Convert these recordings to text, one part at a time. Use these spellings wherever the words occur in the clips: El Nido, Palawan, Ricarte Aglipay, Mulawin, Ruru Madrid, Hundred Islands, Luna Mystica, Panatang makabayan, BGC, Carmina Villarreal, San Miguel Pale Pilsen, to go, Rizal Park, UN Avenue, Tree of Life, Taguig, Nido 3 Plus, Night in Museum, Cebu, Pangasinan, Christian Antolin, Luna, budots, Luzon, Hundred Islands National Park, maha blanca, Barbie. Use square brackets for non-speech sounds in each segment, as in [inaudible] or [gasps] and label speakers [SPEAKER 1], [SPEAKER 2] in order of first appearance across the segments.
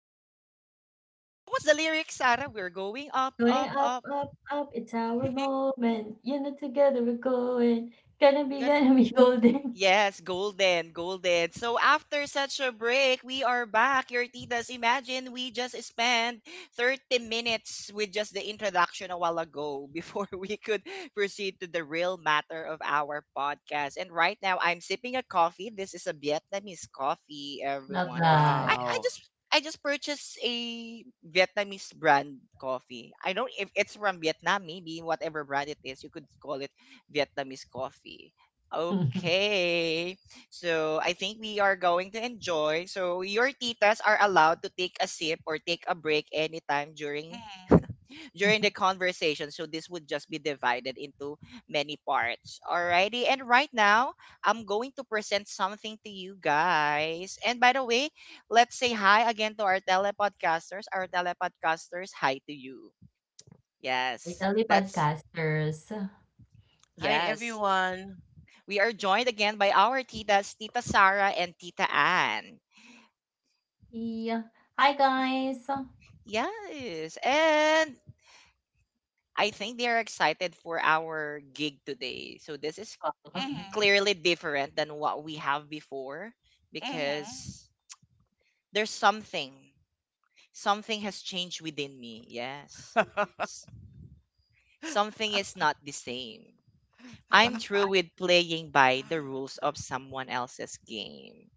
[SPEAKER 1] Yes. [laughs] What was the lyrics, Sarah? We're going up,
[SPEAKER 2] Going
[SPEAKER 1] up,
[SPEAKER 2] up,
[SPEAKER 1] up.
[SPEAKER 2] up, up, it's our
[SPEAKER 3] Mm.
[SPEAKER 2] moment. You know, together we're going. Gonna be [laughs] golden.
[SPEAKER 1] Yes, golden, golden. So after such a break, we are back. Your titas, imagine we just spent 30 minutes with just the introduction a while ago before [laughs] we could proceed to the real matter of our podcast. And right now, I'm sipping a coffee. This is a Vietnamese coffee,
[SPEAKER 2] Love
[SPEAKER 1] everyone. I,
[SPEAKER 2] that.
[SPEAKER 1] I
[SPEAKER 3] Wow.
[SPEAKER 1] just I just purchased a Vietnamese brand coffee. I don't if it's from Vietnam, maybe whatever brand it is, you could call it Vietnamese coffee.
[SPEAKER 2] [laughs]
[SPEAKER 1] Okay. So I think we are going to enjoy. So your titas are allowed to take a sip or take a break anytime during
[SPEAKER 3] Mm.
[SPEAKER 1] during the conversation. So this would just be divided into many parts. Alrighty. And right now, I'm going to present something to you guys. And by the way, let's say hi again to our telepodcasters. Our telepodcasters, hi to you. Yes.
[SPEAKER 2] Italy
[SPEAKER 1] That's
[SPEAKER 2] podcasters.
[SPEAKER 3] Hi,
[SPEAKER 1] Yes.
[SPEAKER 3] everyone.
[SPEAKER 1] We are joined again by our titas, Tita Sarah and Tita Ann.
[SPEAKER 2] Yeah. Hi, guys. [laughs]
[SPEAKER 1] Yes, and I think they are excited for our gig today. So this is
[SPEAKER 3] [laughs] Mhm,
[SPEAKER 1] clearly different than what we have before
[SPEAKER 3] mhm.
[SPEAKER 1] because there's something. Something has changed within me. Yes. S- Something is not the same. I'm
[SPEAKER 3] I
[SPEAKER 1] through with playing by the rules of someone else's game.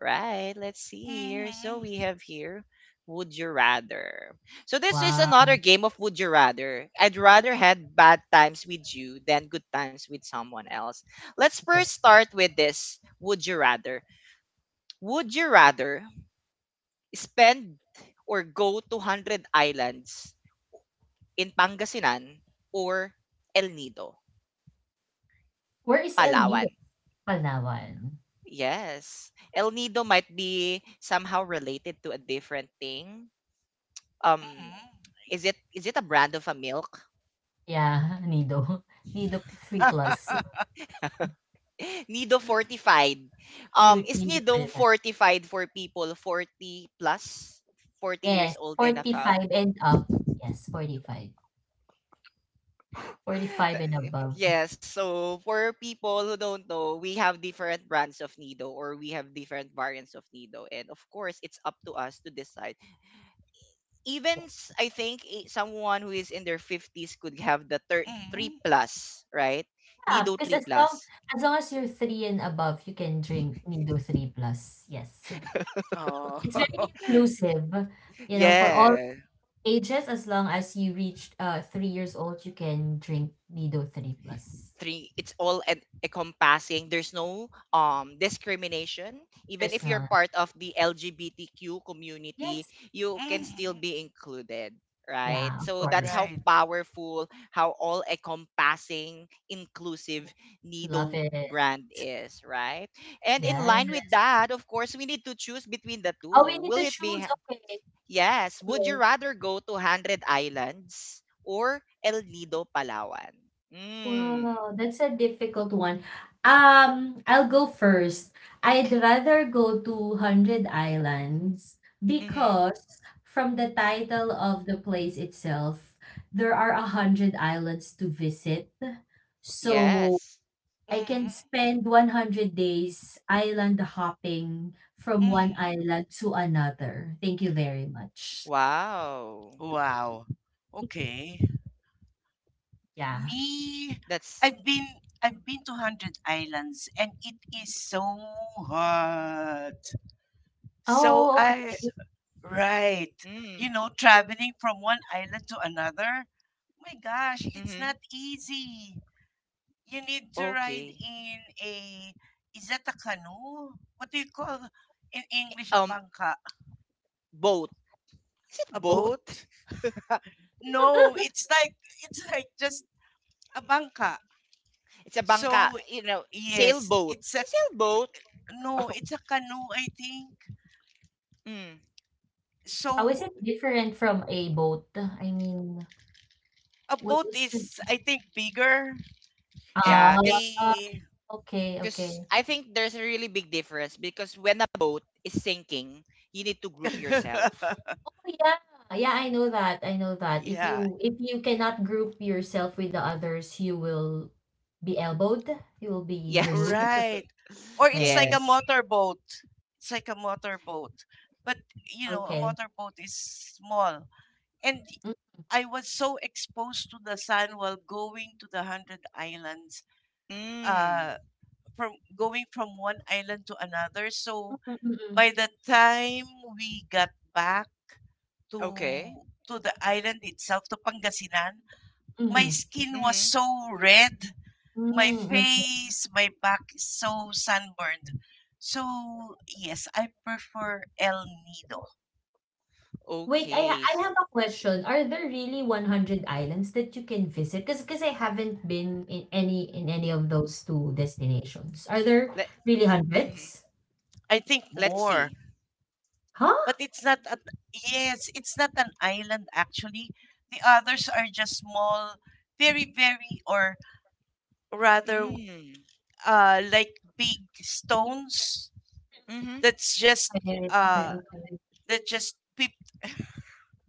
[SPEAKER 1] Right, let's see
[SPEAKER 3] can.
[SPEAKER 1] here. So we
[SPEAKER 3] Mhm,
[SPEAKER 1] have here Would You Rather. So this is
[SPEAKER 2] Wow.
[SPEAKER 1] another game of Would You Rather. I'd rather had bad times with you than good times with someone else. Let's
[SPEAKER 2] Yes.
[SPEAKER 1] first start with this Would You Rather. Would you rather spend or go to 100 islands in Pangasinan or El Nido,
[SPEAKER 2] Where is El Nido?
[SPEAKER 1] Palawan?
[SPEAKER 2] Palawan.
[SPEAKER 1] Yes. El Nido might be somehow related to a different thing, um
[SPEAKER 3] mhm,
[SPEAKER 1] is it a brand of a milk?
[SPEAKER 2] Yeah, [laughs] Nido. Nido 3 plus.
[SPEAKER 1] [laughs] Nido fortified.
[SPEAKER 2] New
[SPEAKER 1] Is
[SPEAKER 2] Nido for
[SPEAKER 1] Nido
[SPEAKER 2] that.
[SPEAKER 1] fortified for people 40 plus, 40
[SPEAKER 2] Yes,
[SPEAKER 1] years old and above?
[SPEAKER 2] 45 and up. Yes, 45. 45
[SPEAKER 1] [laughs]
[SPEAKER 2] and above.
[SPEAKER 1] Yes, so for people who don't know, we have different brands of Nido or we have different variants of Nido. And of course, it's up to us to decide. Even I think someone who is in their 50s could have the 3
[SPEAKER 3] mhm,
[SPEAKER 1] plus, right?
[SPEAKER 2] Yeah,
[SPEAKER 1] Nido
[SPEAKER 2] because
[SPEAKER 1] 3
[SPEAKER 2] as long
[SPEAKER 1] plus.
[SPEAKER 2] as long as you're 3 and above, you can drink Nido 3 Plus. Yes.
[SPEAKER 3] oh,
[SPEAKER 2] It's very
[SPEAKER 3] [laughs]
[SPEAKER 2] inclusive, you know, for all
[SPEAKER 1] Yes.
[SPEAKER 2] ages, as long as you reach 3 years old, you can drink Nido 3 Plus.
[SPEAKER 1] Three, it's all encompassing. There's no discrimination, even
[SPEAKER 2] There's
[SPEAKER 1] if you're
[SPEAKER 2] none.
[SPEAKER 1] part of the LGBTQ community,
[SPEAKER 2] Yes.
[SPEAKER 1] you can still
[SPEAKER 3] mhm,
[SPEAKER 1] be included, right?
[SPEAKER 2] Yeah, of
[SPEAKER 1] So that's
[SPEAKER 2] course.
[SPEAKER 1] how
[SPEAKER 3] right.
[SPEAKER 1] powerful, how all encompassing, inclusive
[SPEAKER 2] Love
[SPEAKER 1] Nido
[SPEAKER 2] it.
[SPEAKER 1] brand is, right? And in line with
[SPEAKER 2] Yes.
[SPEAKER 1] that, of course, we need to choose between the
[SPEAKER 2] Oh, we
[SPEAKER 1] two.
[SPEAKER 2] need to
[SPEAKER 1] Will it be
[SPEAKER 2] choose. Okay. Okay.
[SPEAKER 1] yes, would you rather go to 100 islands or El Nido, Palawan? Mm.
[SPEAKER 2] Wow, that's a difficult one. I'll go first. I'd rather go to Hundred Islands
[SPEAKER 1] Mm-hmm.
[SPEAKER 2] because from the title of the place itself, there are 100 islands to visit. So
[SPEAKER 1] Yes.
[SPEAKER 2] I can
[SPEAKER 3] Mhm,
[SPEAKER 2] spend 100 days island hopping from one
[SPEAKER 3] mhm.
[SPEAKER 2] island to another. Thank you very much.
[SPEAKER 1] Wow.
[SPEAKER 3] Wow. Okay.
[SPEAKER 2] Yeah.
[SPEAKER 3] Me,
[SPEAKER 1] That's
[SPEAKER 3] I've been I've been to 100 Islands, and it is so hot. So
[SPEAKER 2] Oh, okay.
[SPEAKER 1] s
[SPEAKER 3] I. Right.
[SPEAKER 1] mm,
[SPEAKER 3] You know, traveling from one island to another. My gosh, it's
[SPEAKER 1] mm-hmm.
[SPEAKER 3] not easy. You need to
[SPEAKER 1] Okay.
[SPEAKER 3] ride in a, is that a canoe? What do you call in English? A
[SPEAKER 1] Um,
[SPEAKER 3] bangka?
[SPEAKER 1] Boat. Is
[SPEAKER 3] A
[SPEAKER 1] it boat?
[SPEAKER 3] boat?
[SPEAKER 1] [laughs]
[SPEAKER 3] [laughs] No, it's like just a bangka.
[SPEAKER 1] It's a bangka,
[SPEAKER 3] So
[SPEAKER 1] you know,
[SPEAKER 3] yes,
[SPEAKER 1] sailboat.
[SPEAKER 3] it's a,
[SPEAKER 1] A sailboat. [laughs]
[SPEAKER 3] no,
[SPEAKER 1] Oh,
[SPEAKER 3] it's a canoe, I think.
[SPEAKER 1] mm.
[SPEAKER 2] How is
[SPEAKER 3] So
[SPEAKER 2] it different from a boat? I mean,
[SPEAKER 3] a
[SPEAKER 2] what
[SPEAKER 3] boat
[SPEAKER 2] is
[SPEAKER 3] is, I think, bigger. And
[SPEAKER 1] Yeah,
[SPEAKER 3] a,
[SPEAKER 2] ah,
[SPEAKER 1] cause,
[SPEAKER 2] okay,
[SPEAKER 1] 'cause
[SPEAKER 2] okay.
[SPEAKER 1] I think there's a really big difference because when a boat is sinking, you need to group yourself.
[SPEAKER 3] [laughs]
[SPEAKER 2] Oh, yeah. Yeah, I know that. I know that. If
[SPEAKER 3] yeah,
[SPEAKER 2] you if you cannot group yourself with the others, you will be elbowed. You will be
[SPEAKER 1] Yes.
[SPEAKER 2] removed.
[SPEAKER 3] right.
[SPEAKER 1] [laughs]
[SPEAKER 3] Or it's like
[SPEAKER 2] Okay.
[SPEAKER 3] a
[SPEAKER 1] Yes.
[SPEAKER 3] motorboat. It's like a motorboat. But, you know, a
[SPEAKER 2] Okay.
[SPEAKER 3] motorboat is small. And
[SPEAKER 2] Mm.
[SPEAKER 3] I was so exposed to the sun while going to the Hundred Islands,
[SPEAKER 1] Mm.
[SPEAKER 3] uh, from going from one island to another. So
[SPEAKER 2] Hmm. Mm.
[SPEAKER 3] by the time we got back to
[SPEAKER 1] Okay.
[SPEAKER 3] to the island itself, to Pangasinan, my
[SPEAKER 2] Mm-hmm.
[SPEAKER 3] skin was
[SPEAKER 1] Mm-hmm.
[SPEAKER 3] so red, my
[SPEAKER 2] Mm, okay.
[SPEAKER 3] face, my back is so sunburned. So, yes, I prefer El Nido.
[SPEAKER 2] Wait,
[SPEAKER 1] Okay. So,
[SPEAKER 2] I have a question. Are there really 100 islands that you can visit? Because I haven't been in any of those two destinations. Are there
[SPEAKER 1] let,
[SPEAKER 2] really
[SPEAKER 1] mm-hmm.
[SPEAKER 2] hundreds?
[SPEAKER 3] I think
[SPEAKER 1] Let's
[SPEAKER 3] more,
[SPEAKER 1] see.
[SPEAKER 2] Huh?
[SPEAKER 3] but it's not a, yes, it's not an island, actually. The others are just small, very very, or rather
[SPEAKER 1] Mm.
[SPEAKER 3] like big stones
[SPEAKER 1] Mm-hmm.
[SPEAKER 3] that's just
[SPEAKER 2] Okay, okay,
[SPEAKER 3] uh
[SPEAKER 2] okay.
[SPEAKER 3] that just peeped.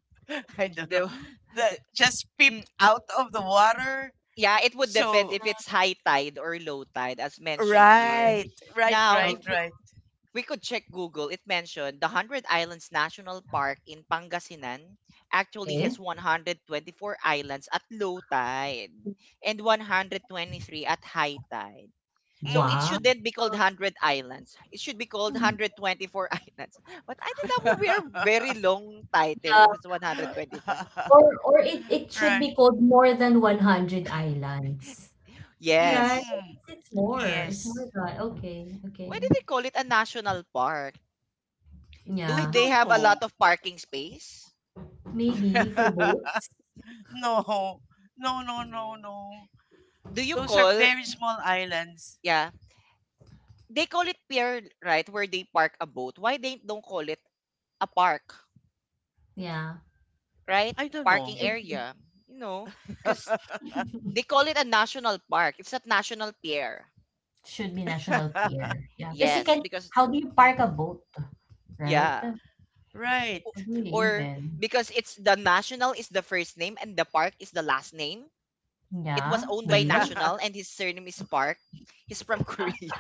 [SPEAKER 3] [laughs] I don't know.
[SPEAKER 1] The, [laughs]
[SPEAKER 3] That
[SPEAKER 1] the-
[SPEAKER 3] just peeped
[SPEAKER 1] mm,
[SPEAKER 3] out of the water.
[SPEAKER 1] yeah, it would depend
[SPEAKER 3] So,
[SPEAKER 1] if it's high tide or low tide, as mentioned here.
[SPEAKER 3] right, right,
[SPEAKER 1] Now,
[SPEAKER 2] Um,
[SPEAKER 3] right,
[SPEAKER 1] if we,
[SPEAKER 3] right.
[SPEAKER 1] we could check Google, it mentioned the Hundred Islands National Park in Pangasinan actually has
[SPEAKER 2] Okay.
[SPEAKER 1] 124 islands at low tide and 123 at high tide. So it
[SPEAKER 2] Wow.
[SPEAKER 3] Mhm.
[SPEAKER 1] shouldn't be called 100 islands. It should be called
[SPEAKER 2] Mm.
[SPEAKER 1] 124 [laughs] islands. But I think that will be a very long title
[SPEAKER 2] Yeah,
[SPEAKER 1] if it's 124.
[SPEAKER 2] or it
[SPEAKER 3] [laughs]
[SPEAKER 2] should
[SPEAKER 3] right.
[SPEAKER 2] be called more than 100
[SPEAKER 1] [laughs]
[SPEAKER 2] islands, right?
[SPEAKER 1] Yes.
[SPEAKER 3] Mhm.
[SPEAKER 2] It's more. It's more
[SPEAKER 3] Yes.
[SPEAKER 2] than okay,
[SPEAKER 1] Why
[SPEAKER 2] okay.
[SPEAKER 1] do they call it a national park?
[SPEAKER 3] I
[SPEAKER 1] Do they
[SPEAKER 2] Yeah,
[SPEAKER 3] don't
[SPEAKER 1] have a
[SPEAKER 3] know.
[SPEAKER 1] lot of parking space?
[SPEAKER 2] maybe for boats.
[SPEAKER 3] [laughs] no. No, no, no,
[SPEAKER 1] No.
[SPEAKER 3] no.
[SPEAKER 1] Do you
[SPEAKER 3] Those are
[SPEAKER 1] call
[SPEAKER 3] very small islands.
[SPEAKER 1] Yeah, they call it pier, right, where they park a boat. Why they don't call it a park,
[SPEAKER 2] Yeah,
[SPEAKER 1] right?
[SPEAKER 3] I don't know.
[SPEAKER 1] Parking area. You know, Cuz they call it a national park. It's not national pier.
[SPEAKER 2] should be national
[SPEAKER 3] [laughs]
[SPEAKER 2] pier. Yeah, because you
[SPEAKER 1] Yes,
[SPEAKER 2] can.
[SPEAKER 1] because,
[SPEAKER 2] How do you park a
[SPEAKER 1] mm,
[SPEAKER 2] boat, right?
[SPEAKER 1] yeah.
[SPEAKER 3] right.
[SPEAKER 1] O-
[SPEAKER 2] How do you
[SPEAKER 1] Or
[SPEAKER 2] even?
[SPEAKER 1] because it's the national is the first name and the park is the last name. It was
[SPEAKER 2] Yeah,
[SPEAKER 1] owned by
[SPEAKER 2] maybe.
[SPEAKER 1] National
[SPEAKER 3] [laughs]
[SPEAKER 1] and his surname is Park. He's from [laughs] Korea.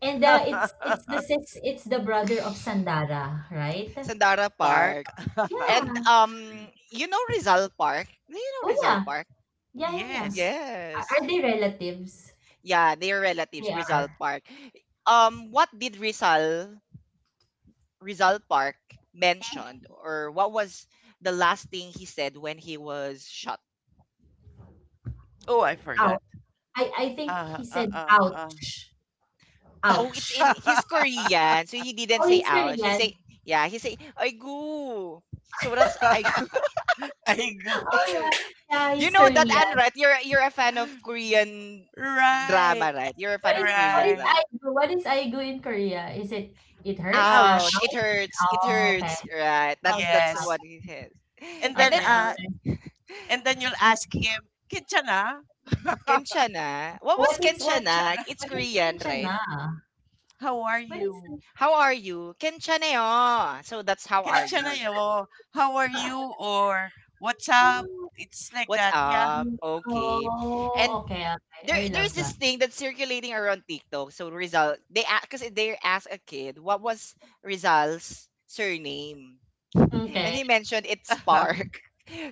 [SPEAKER 2] And it's the brother of Sandara, right?
[SPEAKER 1] Sandara
[SPEAKER 3] Park.
[SPEAKER 1] Park.
[SPEAKER 3] [laughs]
[SPEAKER 1] And
[SPEAKER 2] Yeah.
[SPEAKER 1] you know Rizal Park? Do you know
[SPEAKER 2] Oh
[SPEAKER 1] Rizal
[SPEAKER 2] yeah.
[SPEAKER 1] Park?
[SPEAKER 2] Yeah, yeah, yeah.
[SPEAKER 3] Yes.
[SPEAKER 2] Are
[SPEAKER 1] Yes.
[SPEAKER 2] they relatives?
[SPEAKER 1] Yeah, they are relatives,
[SPEAKER 2] They
[SPEAKER 1] Rizal
[SPEAKER 2] are.
[SPEAKER 1] Park. What did Rizal Park mentioned
[SPEAKER 3] Mhm.
[SPEAKER 1] or what was the last thing he said when he was shot?
[SPEAKER 3] Oh, I forgot.
[SPEAKER 2] Ouch. I think
[SPEAKER 3] Uh,
[SPEAKER 2] he said
[SPEAKER 3] uh,
[SPEAKER 2] ouch.
[SPEAKER 1] Oh, it's
[SPEAKER 2] Ouch.
[SPEAKER 1] in
[SPEAKER 3] uh,
[SPEAKER 1] his Korean, so he didn't
[SPEAKER 2] Oh,
[SPEAKER 1] say
[SPEAKER 2] he's
[SPEAKER 1] ouch. He say,
[SPEAKER 2] Korean.
[SPEAKER 1] yeah, he say aigu. So that's
[SPEAKER 3] uh.
[SPEAKER 1] I. [laughs]
[SPEAKER 3] [laughs] I
[SPEAKER 2] Oh
[SPEAKER 3] go.
[SPEAKER 2] yeah. Yeah,
[SPEAKER 1] You
[SPEAKER 2] he's
[SPEAKER 1] know that
[SPEAKER 2] Korean.
[SPEAKER 1] Anne, right? You're a fan of Korean
[SPEAKER 3] Right,
[SPEAKER 1] drama, right? You're a fan
[SPEAKER 2] What is
[SPEAKER 1] of
[SPEAKER 2] what
[SPEAKER 1] Korean
[SPEAKER 2] is
[SPEAKER 3] right.
[SPEAKER 1] drama.
[SPEAKER 2] aigu? What is aigu in Korea? Is it it hurts?
[SPEAKER 1] Ouch! It
[SPEAKER 3] Ouch.
[SPEAKER 1] hurts. It
[SPEAKER 2] Oh, okay.
[SPEAKER 1] hurts. Right.
[SPEAKER 2] Oh,
[SPEAKER 1] That's
[SPEAKER 3] Yes.
[SPEAKER 1] what it is.
[SPEAKER 3] And
[SPEAKER 1] And
[SPEAKER 3] then
[SPEAKER 1] then
[SPEAKER 2] okay,
[SPEAKER 3] uh
[SPEAKER 2] okay.
[SPEAKER 3] and then you'll ask him, Kinchana? [laughs]
[SPEAKER 1] Kenchana. What was
[SPEAKER 2] What is what
[SPEAKER 1] Kenchana?
[SPEAKER 3] Kinchana,
[SPEAKER 1] It's
[SPEAKER 2] what is
[SPEAKER 1] Korean, right?
[SPEAKER 2] kinchana?
[SPEAKER 3] how are
[SPEAKER 2] What
[SPEAKER 3] you?
[SPEAKER 2] is
[SPEAKER 1] How are you? Kenchaneyo. So that's how are
[SPEAKER 3] Kinchana,
[SPEAKER 1] you?
[SPEAKER 3] yo, how are
[SPEAKER 2] [laughs]
[SPEAKER 3] you? Or what's up?
[SPEAKER 2] mm,
[SPEAKER 3] It's like
[SPEAKER 1] What's
[SPEAKER 3] that, yeah.
[SPEAKER 1] up?
[SPEAKER 2] mm.
[SPEAKER 1] Okay.
[SPEAKER 2] Oh,
[SPEAKER 1] And
[SPEAKER 2] okay,
[SPEAKER 1] there
[SPEAKER 2] okay. I
[SPEAKER 1] there's
[SPEAKER 2] love
[SPEAKER 1] this
[SPEAKER 2] that.
[SPEAKER 1] thing that's circulating around TikTok. So Rizal, they because they asked a kid what was Rizal's surname. And
[SPEAKER 2] Okay.
[SPEAKER 1] he mentioned it's
[SPEAKER 3] [laughs]
[SPEAKER 1] Spark. [laughs]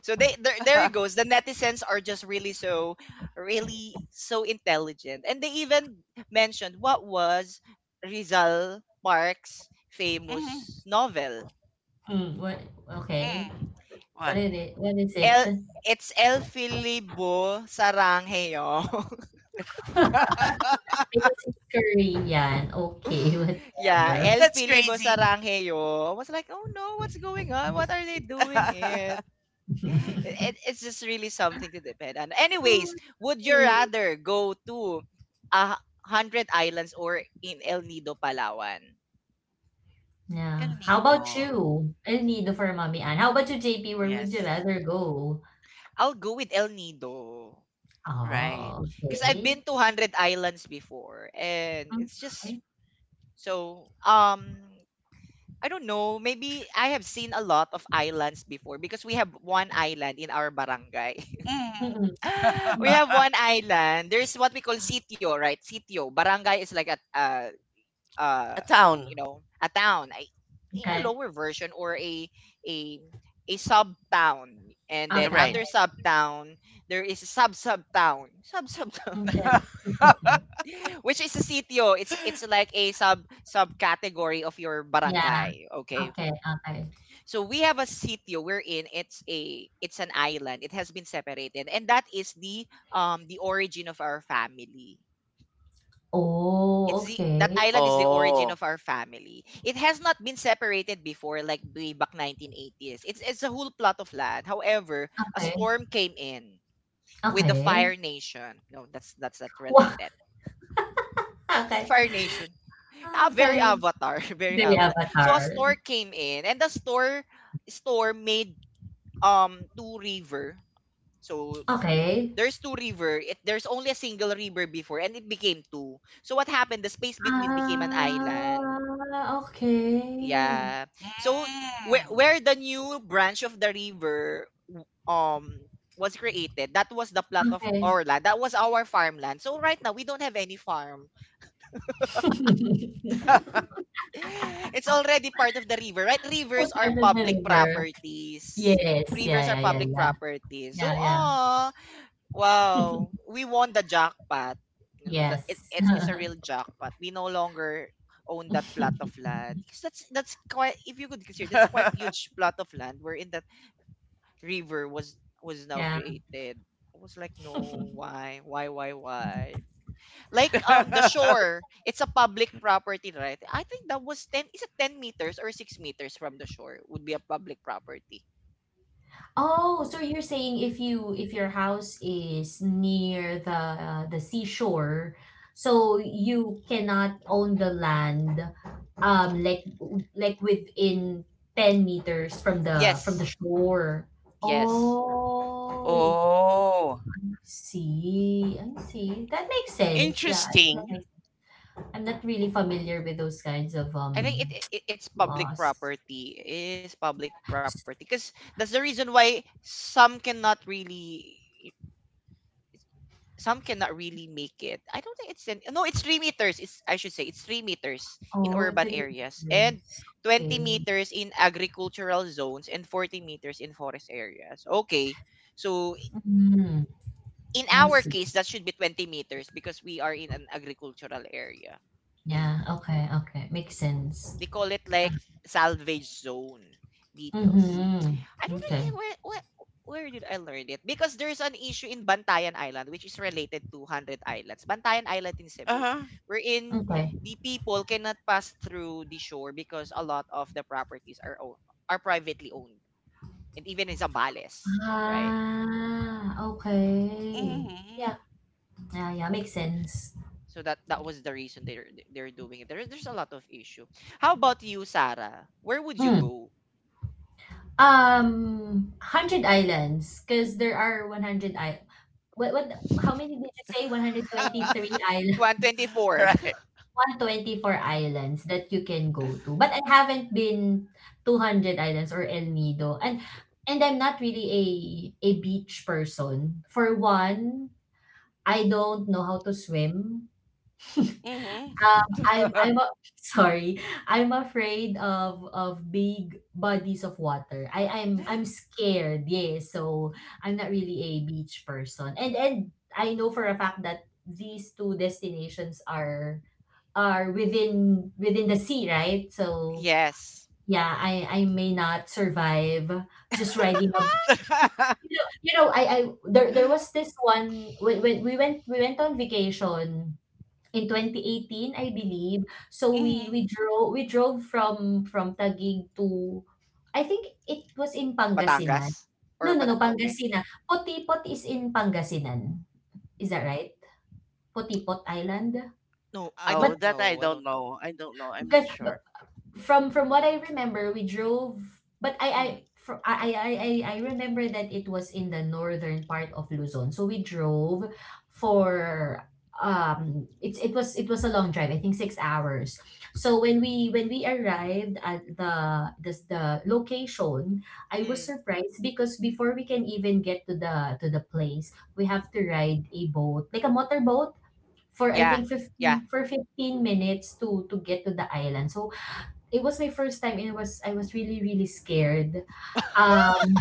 [SPEAKER 1] So they there it
[SPEAKER 3] mm-hmm.
[SPEAKER 1] goes. The netizens are just really so intelligent. And they even mentioned what was Rizal Park's famous novel.
[SPEAKER 2] Mm, what? Okay.
[SPEAKER 3] Mm.
[SPEAKER 2] What
[SPEAKER 3] What?
[SPEAKER 2] is it? What is it?
[SPEAKER 1] El it's El Filibo Saranghayo. [laughs]
[SPEAKER 3] [laughs]
[SPEAKER 2] Because it's Korean. Okay, [laughs]
[SPEAKER 1] Yeah,
[SPEAKER 2] whatever.
[SPEAKER 1] El
[SPEAKER 3] That's
[SPEAKER 1] Filibo
[SPEAKER 3] crazy. [laughs]
[SPEAKER 1] Saranghayo. I was like, oh no, what's going on? What are they doing it?
[SPEAKER 2] [laughs]
[SPEAKER 1] It's just really something to depend on. Anyways,
[SPEAKER 2] Mm.
[SPEAKER 1] would you rather go to a hundred islands or in El Nido, Palawan?
[SPEAKER 2] Yeah.
[SPEAKER 3] El
[SPEAKER 2] How about
[SPEAKER 3] Nido.
[SPEAKER 2] you? El Nido for Mommy Ann. How about you, JP? Where would you
[SPEAKER 3] Yes.
[SPEAKER 2] rather go?
[SPEAKER 1] I'll go with El Nido
[SPEAKER 3] Right.
[SPEAKER 2] Oh,
[SPEAKER 1] because I've
[SPEAKER 2] okay.
[SPEAKER 1] been to hundred islands before, and it's just
[SPEAKER 2] Okay.
[SPEAKER 1] so um. I don't know. Maybe I have seen a lot of islands before because we have one island in our barangay.
[SPEAKER 2] Mm-mm.
[SPEAKER 3] Mm. [laughs]
[SPEAKER 1] [laughs] We
[SPEAKER 2] Mm,
[SPEAKER 1] have one island. There's what we call sitio, right? Sitio. Barangay is like
[SPEAKER 3] A
[SPEAKER 1] uh,
[SPEAKER 3] town.
[SPEAKER 1] a town, a
[SPEAKER 2] okay.
[SPEAKER 1] lower version or a a sub town, and then
[SPEAKER 3] Right.
[SPEAKER 2] Okay.
[SPEAKER 1] under sub town there is a sub sub town,
[SPEAKER 2] Okay.
[SPEAKER 3] [laughs]
[SPEAKER 2] [laughs]
[SPEAKER 1] [laughs] which is a sitio. It's like a sub sub category of your
[SPEAKER 2] Yeah.
[SPEAKER 1] barangay. Okay,
[SPEAKER 2] Okay. Okay.
[SPEAKER 1] so we have a sitio wherein it's an island. It has been separated, and that is the origin of our family. It's
[SPEAKER 2] Oh,
[SPEAKER 1] the That
[SPEAKER 2] okay.
[SPEAKER 1] island is the origin
[SPEAKER 3] Oh.
[SPEAKER 1] of our family. It has not been separated before, like way back 1980s. It's a whole plot of land. However, a
[SPEAKER 2] Okay.
[SPEAKER 1] storm came in with the
[SPEAKER 2] Okay.
[SPEAKER 1] Fire Nation. No, that's not
[SPEAKER 2] Wow. [laughs]
[SPEAKER 1] related. [laughs]
[SPEAKER 2] Okay.
[SPEAKER 1] Fire Nation. Ah, very
[SPEAKER 2] Okay.
[SPEAKER 1] avatar, [laughs] very
[SPEAKER 2] The
[SPEAKER 1] avatar. So a
[SPEAKER 2] avatar.
[SPEAKER 1] storm came in, and the store storm made two river. So
[SPEAKER 2] Okay.
[SPEAKER 1] there's two river. There's only a single river before, and it became two. So what happened? The space between became an island.
[SPEAKER 2] Ah, okay.
[SPEAKER 1] Yeah. So where
[SPEAKER 3] Mm.
[SPEAKER 1] where the new branch of the river um was created, that was the plot of
[SPEAKER 2] Okay.
[SPEAKER 1] Orla. That was our farmland. So right now we don't have any farm.
[SPEAKER 2] [laughs]
[SPEAKER 1] It's already part of the river, right?
[SPEAKER 2] What
[SPEAKER 1] Rivers are
[SPEAKER 2] kind of
[SPEAKER 1] public
[SPEAKER 2] maneuver?
[SPEAKER 1] properties.
[SPEAKER 2] Yes.
[SPEAKER 1] Rivers are
[SPEAKER 2] Yeah, yeah, yeah,
[SPEAKER 1] public
[SPEAKER 2] yeah.
[SPEAKER 1] properties. So,
[SPEAKER 2] Yeah, yeah.
[SPEAKER 1] ah, wow, we won the jackpot. You know that it,
[SPEAKER 2] Yes.
[SPEAKER 1] it's it's a real
[SPEAKER 2] [laughs]
[SPEAKER 1] jackpot. We no longer own that plot of land because that's quite if you could consider that's quite huge plot of land wherein that river was now
[SPEAKER 2] Yeah.
[SPEAKER 1] created. I was like, no, why, why? Like the
[SPEAKER 3] [laughs]
[SPEAKER 1] shore, it's a public property, right? I think that was 10, is it 10 meters or 6 meters from the shore would be a public property.
[SPEAKER 2] Oh, so you're saying if your house is near the seashore, so you cannot own the land um like like within 10 meters from the
[SPEAKER 1] Yes.
[SPEAKER 2] shore.
[SPEAKER 1] Yes.
[SPEAKER 2] Oh,
[SPEAKER 3] oh.
[SPEAKER 2] I see. I see. That makes sense. Yeah, I think that
[SPEAKER 3] Interesting.
[SPEAKER 2] makes I'm not really familiar with those kinds of
[SPEAKER 1] I think it, it
[SPEAKER 2] [tsk]
[SPEAKER 1] it's public
[SPEAKER 2] laws.
[SPEAKER 1] property. It is public property because that's the reason why some cannot really make it. I don't think it's 10, no, it's 3 meters. It's I should say it's 3 meters in
[SPEAKER 2] Oh,
[SPEAKER 1] urban
[SPEAKER 2] three
[SPEAKER 1] areas and
[SPEAKER 2] years.
[SPEAKER 1] twenty
[SPEAKER 2] Okay.
[SPEAKER 1] meters in agricultural zones and 40 meters in forest areas. Okay, so
[SPEAKER 2] Mm,
[SPEAKER 1] in
[SPEAKER 2] I
[SPEAKER 1] our
[SPEAKER 2] see.
[SPEAKER 1] case that should be 20 meters because we are in an agricultural area. Mm.
[SPEAKER 2] Yeah. Okay. Okay. Makes sense.
[SPEAKER 1] They call it like salvage zone details.
[SPEAKER 2] Mm-hmm.
[SPEAKER 1] I don't
[SPEAKER 2] Okay.
[SPEAKER 1] really Where did I learn it? Because there's an issue in Bantayan Island which is related to Hundred Islands. Bantayan Island in Cebu,
[SPEAKER 3] Uh-huh.
[SPEAKER 1] wherein
[SPEAKER 2] Okay.
[SPEAKER 1] the people cannot pass through the shore because a lot of the properties are privately owned, and even in Zambales, right?
[SPEAKER 2] Ah. Okay.
[SPEAKER 3] Hmm.
[SPEAKER 2] Yeah. Yeah. Yeah. Makes sense.
[SPEAKER 1] So that was the reason they're doing it. There's a lot of issue. How about you, Sarah? Where would you
[SPEAKER 2] Mm.
[SPEAKER 1] go?
[SPEAKER 2] Um. Hundred islands, because there are one hundred I. What? What? How many did you say? One hundred
[SPEAKER 3] [laughs]
[SPEAKER 2] twenty-three
[SPEAKER 1] 124.
[SPEAKER 3] right.
[SPEAKER 2] 124 islands that you can go to, but I haven't been 200 Islands or El Nido, and I'm not really a beach person. For one, I don't know how to swim.
[SPEAKER 3] Hmm.
[SPEAKER 2] Um, I'm I'm a, [laughs] Sorry. I'm afraid of big bodies of water. I'm
[SPEAKER 1] [laughs]
[SPEAKER 2] scared. Yeah, so I'm not really a beach person. And I know for a fact that these two destinations are within the sea, right? So
[SPEAKER 1] Yes.
[SPEAKER 2] yeah, I may not survive just riding a. You know I there there was this one when, when we went on vacation in 2018 I believe. So we
[SPEAKER 3] Hmm.
[SPEAKER 2] we
[SPEAKER 3] [laughs]
[SPEAKER 2] drove we drove from Taguig to I think it was in Pangasinan.
[SPEAKER 1] Batangas
[SPEAKER 2] No,
[SPEAKER 1] or
[SPEAKER 2] no, no,
[SPEAKER 1] Bata ah, okay.
[SPEAKER 2] Pangasinan. Potipot is in Pangasinan. Is that right? Potipot Island.
[SPEAKER 1] No, I
[SPEAKER 3] Oh,
[SPEAKER 2] But
[SPEAKER 1] don't
[SPEAKER 3] that I
[SPEAKER 1] know, I
[SPEAKER 3] don't
[SPEAKER 1] don't know.
[SPEAKER 3] know. I don't know. I'm not
[SPEAKER 2] because
[SPEAKER 3] sure. [laughs]
[SPEAKER 2] from what I remember, we drove, but I
[SPEAKER 1] Mm,
[SPEAKER 2] fr I remember that it was in the northern part of Luzon. So we drove for it was a long drive, I think 6 hours. So when we arrived at the location, I was
[SPEAKER 1] mm.
[SPEAKER 2] surprised because before we can even get to the place, we have to ride a boat like a motorboat for I
[SPEAKER 1] Yeah,
[SPEAKER 2] think
[SPEAKER 1] yeah.
[SPEAKER 2] 15 for 15 minutes to get to the island. So it was my first time and it was I was really, really scared.
[SPEAKER 1] [laughs]
[SPEAKER 2] Um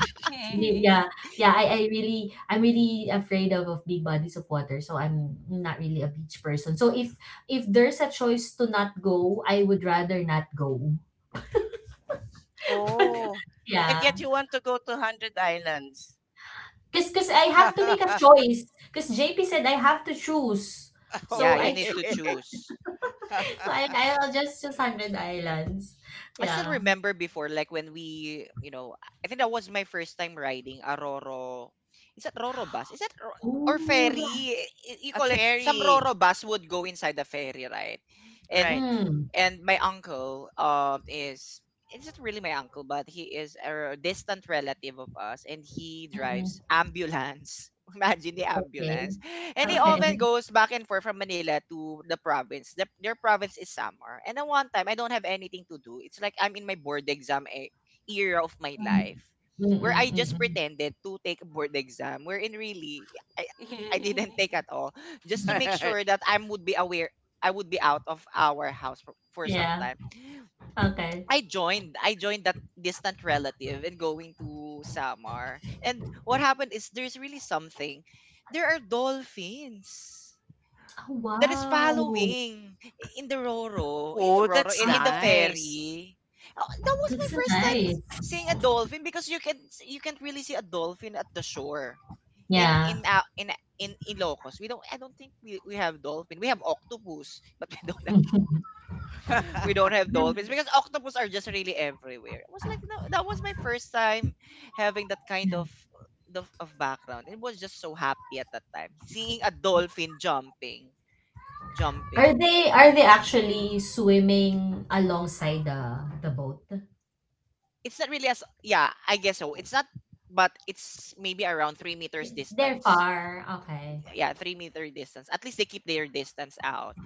[SPEAKER 3] Mhm.
[SPEAKER 2] yeah, yeah, I'm really afraid of big bodies of water, so I'm not really a beach person. So if there's a choice to not go, I would rather not go.
[SPEAKER 1] Yeah.
[SPEAKER 3] Oh. And
[SPEAKER 2] Yeah.
[SPEAKER 3] yet you want to go to 100 Islands.
[SPEAKER 2] Cause I have to make a choice. Cause JP said I
[SPEAKER 3] [laughs]
[SPEAKER 2] have to choose.
[SPEAKER 1] Yeah,
[SPEAKER 2] So
[SPEAKER 1] you
[SPEAKER 2] I
[SPEAKER 1] need
[SPEAKER 3] Okay.
[SPEAKER 1] to
[SPEAKER 2] cho-
[SPEAKER 3] [laughs]
[SPEAKER 1] choose.
[SPEAKER 2] [laughs] so I'll just choose Hundred Islands.
[SPEAKER 1] I still
[SPEAKER 2] Yeah.
[SPEAKER 1] remember before, like when we, I think that was my first time riding a Roro. Is that Roro bus? Is that or
[SPEAKER 2] Oh yeah.
[SPEAKER 1] ferry? You
[SPEAKER 3] a
[SPEAKER 1] call it some
[SPEAKER 3] fairy.
[SPEAKER 1] Roro bus would go inside the ferry, right?
[SPEAKER 3] Right.
[SPEAKER 1] And
[SPEAKER 2] Mm.
[SPEAKER 1] and my uncle, is it's not really my uncle, but he is a distant relative of us, and he drives
[SPEAKER 2] Mm-mm.
[SPEAKER 1] [laughs] ambulance. [laughs] Imagine the
[SPEAKER 2] Okay.
[SPEAKER 1] ambulance.
[SPEAKER 2] [laughs]
[SPEAKER 1] And he
[SPEAKER 2] Okay.
[SPEAKER 1] often
[SPEAKER 3] Hmm.
[SPEAKER 1] goes back and forth from Manila to the province. Their province is Samar. And at one time, I don't have anything to do. It's like I'm in my era of my life
[SPEAKER 2] Um, mm,
[SPEAKER 1] where I
[SPEAKER 2] mm,
[SPEAKER 1] just
[SPEAKER 2] mm.
[SPEAKER 1] pretended to take a board exam, wherein really, I, I didn't take at
[SPEAKER 3] [laughs]
[SPEAKER 1] all, just to make sure that I would be aware, I would be out of our house for
[SPEAKER 2] [laughs]
[SPEAKER 1] some
[SPEAKER 2] Yeah.
[SPEAKER 1] time.
[SPEAKER 2] Okay.
[SPEAKER 1] I joined. I joined that distant relative and going to Samar. And what happened is there's really something. There are dolphins
[SPEAKER 2] Oh,
[SPEAKER 1] that is
[SPEAKER 2] wow.
[SPEAKER 1] following in the Roro,
[SPEAKER 3] oh, that's
[SPEAKER 1] In the
[SPEAKER 2] Ah,
[SPEAKER 3] nice.
[SPEAKER 1] ferry. Oh, that was my
[SPEAKER 2] that's so
[SPEAKER 1] first time
[SPEAKER 2] nice.
[SPEAKER 1] seeing a dolphin because you can't really see a dolphin at the shore. In
[SPEAKER 2] Yeah.
[SPEAKER 1] in uh, in in Ilocos, we don't. I don't think we have dolphin. We have octopus, but we don't
[SPEAKER 2] [laughs]
[SPEAKER 1] we don't
[SPEAKER 3] [laughs]
[SPEAKER 1] have
[SPEAKER 2] Yeah,
[SPEAKER 1] dolphins because octopus are just really everywhere. I was like, no, that was my first time having that kind
[SPEAKER 2] yeah.
[SPEAKER 1] of of background. It was just so happy at that time seeing a dolphin jumping,
[SPEAKER 2] Are
[SPEAKER 1] jumping.
[SPEAKER 2] they are they actually swimming alongside the boat?
[SPEAKER 1] It's not really as yeah, I guess so. It's not, but it's maybe around 3 meters
[SPEAKER 2] They're
[SPEAKER 1] distance.
[SPEAKER 2] far. Okay.
[SPEAKER 1] Yeah, 3 meter distance. At least they keep their distance out.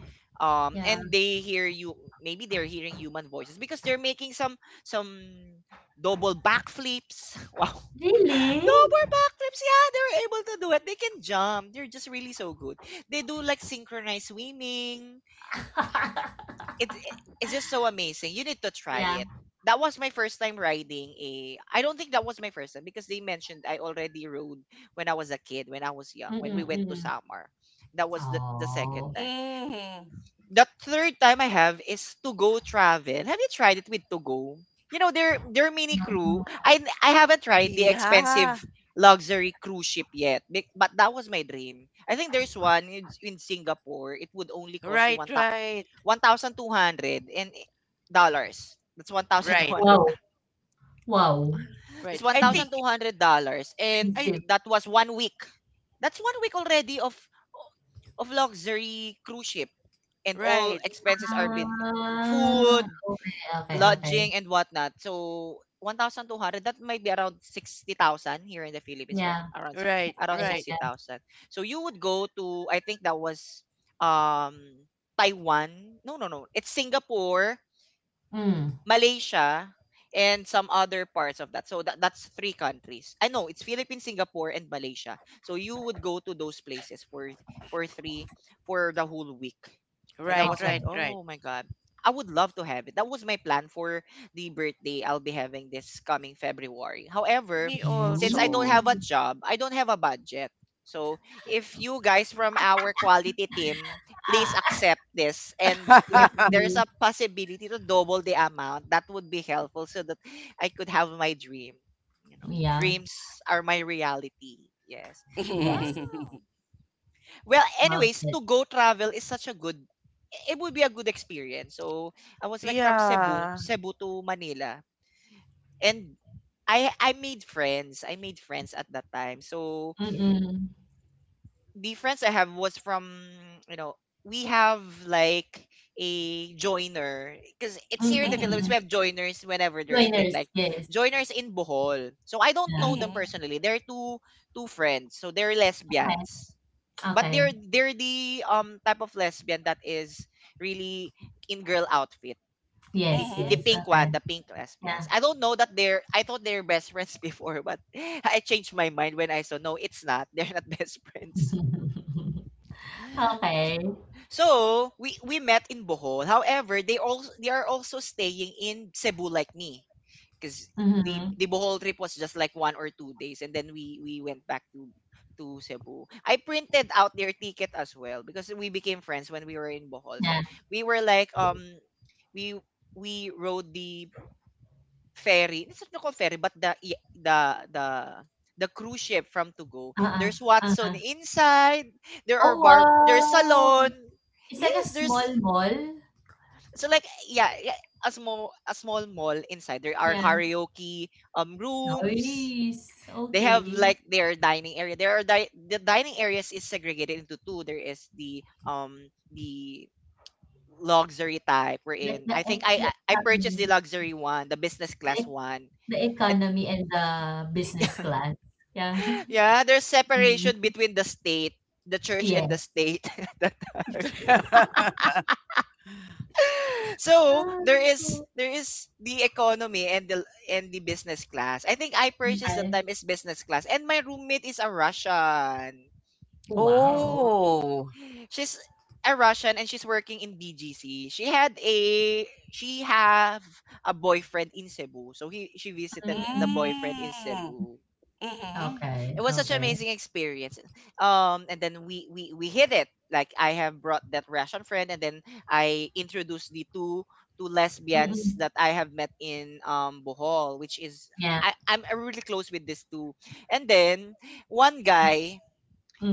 [SPEAKER 1] Um,
[SPEAKER 2] Yeah.
[SPEAKER 1] and they hear you. Maybe they're hearing human voices because they're making some double backflips. [laughs] Wow,
[SPEAKER 2] Really?
[SPEAKER 1] no more backflips. Yeah, they were able to do it. They can jump. They're just really so good. They do like synchronized swimming.
[SPEAKER 2] [laughs]
[SPEAKER 1] It, it it's just so amazing. You need to try
[SPEAKER 2] Yeah.
[SPEAKER 1] it. That was my first time riding a. I don't think that was my first time because they mentioned I already rode when I was a kid, when I was young, when we
[SPEAKER 2] Mm-mm,
[SPEAKER 1] went to
[SPEAKER 2] mm-mm.
[SPEAKER 1] Samar. That was the second
[SPEAKER 2] Oh.
[SPEAKER 1] time
[SPEAKER 3] mm.
[SPEAKER 1] the third time I have is to go travel. Have you tried it with to go? You know, their mini crew.
[SPEAKER 2] Ah,
[SPEAKER 1] I haven't tried the expensive
[SPEAKER 3] Yeah.
[SPEAKER 1] luxury cruise ship yet, but that was my dream. I think there's one in Singapore. It would only cost you
[SPEAKER 3] Right, right.
[SPEAKER 1] one thousand two hundred and dollars. That's one thousand two
[SPEAKER 3] Right.
[SPEAKER 1] hundred.
[SPEAKER 2] wow.
[SPEAKER 1] [laughs]
[SPEAKER 2] Wow. [laughs]
[SPEAKER 1] That's
[SPEAKER 3] Right.
[SPEAKER 1] one
[SPEAKER 3] I
[SPEAKER 2] Hmm,
[SPEAKER 1] thousand two
[SPEAKER 3] think
[SPEAKER 1] hundred dollars, and
[SPEAKER 3] I.
[SPEAKER 2] expensive.
[SPEAKER 1] that was one week. That's one week already of luxury cruise ship and all
[SPEAKER 3] Right.
[SPEAKER 1] expenses are been
[SPEAKER 2] Ah,
[SPEAKER 1] food,
[SPEAKER 2] okay, okay, okay.
[SPEAKER 1] lodging, and whatnot. So 1,200, that might be around 60,000 here in the Philippines, right?
[SPEAKER 2] Yeah,
[SPEAKER 1] Around six,
[SPEAKER 3] Right,
[SPEAKER 1] around
[SPEAKER 3] right.
[SPEAKER 2] yeah.
[SPEAKER 1] 60,000. So you would go to, I think that was um Taiwan. No, no, no. It's Singapore,
[SPEAKER 2] Mm.
[SPEAKER 1] Malaysia, and some other parts of that. So that's three countries. I know it's Philippines, Singapore, and Malaysia. So you would go to those places for three for the whole week. And I
[SPEAKER 3] Right,
[SPEAKER 1] was like,
[SPEAKER 2] Okay.
[SPEAKER 3] right,
[SPEAKER 1] oh
[SPEAKER 3] right.
[SPEAKER 1] my god, I would love to have it. That was my plan for the birthday I'll be having this coming February. However,
[SPEAKER 3] Me
[SPEAKER 1] since I don't
[SPEAKER 3] also.
[SPEAKER 1] have a job, I don't have a budget. So if you guys from our quality team, please
[SPEAKER 2] Ah,
[SPEAKER 1] accept this, and
[SPEAKER 2] yes,
[SPEAKER 1] if
[SPEAKER 3] [laughs]
[SPEAKER 1] there's
[SPEAKER 2] yes.
[SPEAKER 1] a possibility to double the amount, that would be helpful so that I could have my dream.
[SPEAKER 2] Yeah,
[SPEAKER 1] Dreams are my reality. Yes, wow.
[SPEAKER 2] yes.
[SPEAKER 1] Well,
[SPEAKER 2] Love
[SPEAKER 1] anyways,
[SPEAKER 2] it.
[SPEAKER 1] to go travel is such a good, it would be a good experience. So I was like, from
[SPEAKER 3] Yeah.
[SPEAKER 1] cebu to Manila. And I made friends. I made friends at that time. So
[SPEAKER 2] Mm-mm.
[SPEAKER 1] the friends I have was from, you know, we have like a joiner, because it's
[SPEAKER 2] Mm,
[SPEAKER 1] here in
[SPEAKER 2] mm,
[SPEAKER 1] the Philippines.
[SPEAKER 3] Mm-hmm.
[SPEAKER 1] We
[SPEAKER 2] mm.
[SPEAKER 1] have joiners whenever there's trip,
[SPEAKER 2] Joiners,
[SPEAKER 1] like
[SPEAKER 2] yes.
[SPEAKER 1] joiners in Bohol. So I don't
[SPEAKER 2] Yeah.
[SPEAKER 1] know them personally. They're two friends. So they're
[SPEAKER 2] Okay,
[SPEAKER 1] lesbians, but
[SPEAKER 2] okay.
[SPEAKER 1] they're the type of lesbian that is really in girl outfit, the
[SPEAKER 2] Yes, yes.
[SPEAKER 3] Mm. Mm.
[SPEAKER 1] pink
[SPEAKER 2] Okay.
[SPEAKER 1] one, the pink
[SPEAKER 2] Yeah.
[SPEAKER 1] lesbians. I don't know that they're, I thought they're best friends [laughs] before, but I changed my mind when I saw no, it's not, they're not [laughs] best friends.
[SPEAKER 2] [laughs] Okay.
[SPEAKER 1] So we met in Bohol. However, they are also staying in Cebu like me, because the
[SPEAKER 2] Mhm.
[SPEAKER 1] the Bohol trip was just like 1 or 2 days, and then we went back to Cebu. I printed out their ticket as well, because we became friends when we were in Bohol. So
[SPEAKER 2] Yeah.
[SPEAKER 1] we were like we we rode the ferry, it's not called ferry, but the I- the the cruise ship from to go.
[SPEAKER 2] Uh-uh.
[SPEAKER 1] There's
[SPEAKER 2] Uh-huh.
[SPEAKER 1] Watson inside. There are
[SPEAKER 2] Oh,
[SPEAKER 1] bar, there's
[SPEAKER 2] wow.
[SPEAKER 1] salon.
[SPEAKER 2] It's like a
[SPEAKER 1] Yes,
[SPEAKER 2] small
[SPEAKER 1] there's,
[SPEAKER 2] mall.
[SPEAKER 1] yeah, yeah, a small mall inside. There are
[SPEAKER 2] Yeah.
[SPEAKER 1] karaoke rooms.
[SPEAKER 2] Nice.
[SPEAKER 1] They
[SPEAKER 2] Okay.
[SPEAKER 1] have like their dining area. There are the dining areas is segregated into two. There is the luxury type we're
[SPEAKER 2] Like
[SPEAKER 1] in. i think i i I purchased the luxury one, the business
[SPEAKER 2] the,
[SPEAKER 1] class
[SPEAKER 2] ec-
[SPEAKER 1] one.
[SPEAKER 2] the
[SPEAKER 1] And
[SPEAKER 2] economy and the business class. Yeah.
[SPEAKER 1] yeah, there's separation
[SPEAKER 2] [laughs]
[SPEAKER 1] between the state, the church and the
[SPEAKER 2] Yes.
[SPEAKER 1] state [laughs] at that time. So
[SPEAKER 2] Ah,
[SPEAKER 1] there is the economy and the business class. I think I purchased the
[SPEAKER 2] okay.
[SPEAKER 1] time is business class. And my roommate is a Russian.
[SPEAKER 3] [laughs]
[SPEAKER 2] Wow.
[SPEAKER 3] oh.
[SPEAKER 1] She's a Russian, and she's working in DGC. She had a, she have a boyfriend in Cebu. So he she visited the
[SPEAKER 2] Hmm,
[SPEAKER 1] boyfriend in
[SPEAKER 3] Mm.
[SPEAKER 1] Cebu.
[SPEAKER 3] Mm-hmm.
[SPEAKER 2] okay.
[SPEAKER 1] It was such an
[SPEAKER 2] Okey.
[SPEAKER 1] amazing experience. And then we hit it. Like I have brought that Russian friend, and then I introduced the two lesbians
[SPEAKER 2] Mm,
[SPEAKER 1] that I have met in Bohol, which is
[SPEAKER 2] yeah,
[SPEAKER 1] I'm really close with these two. And then one guy,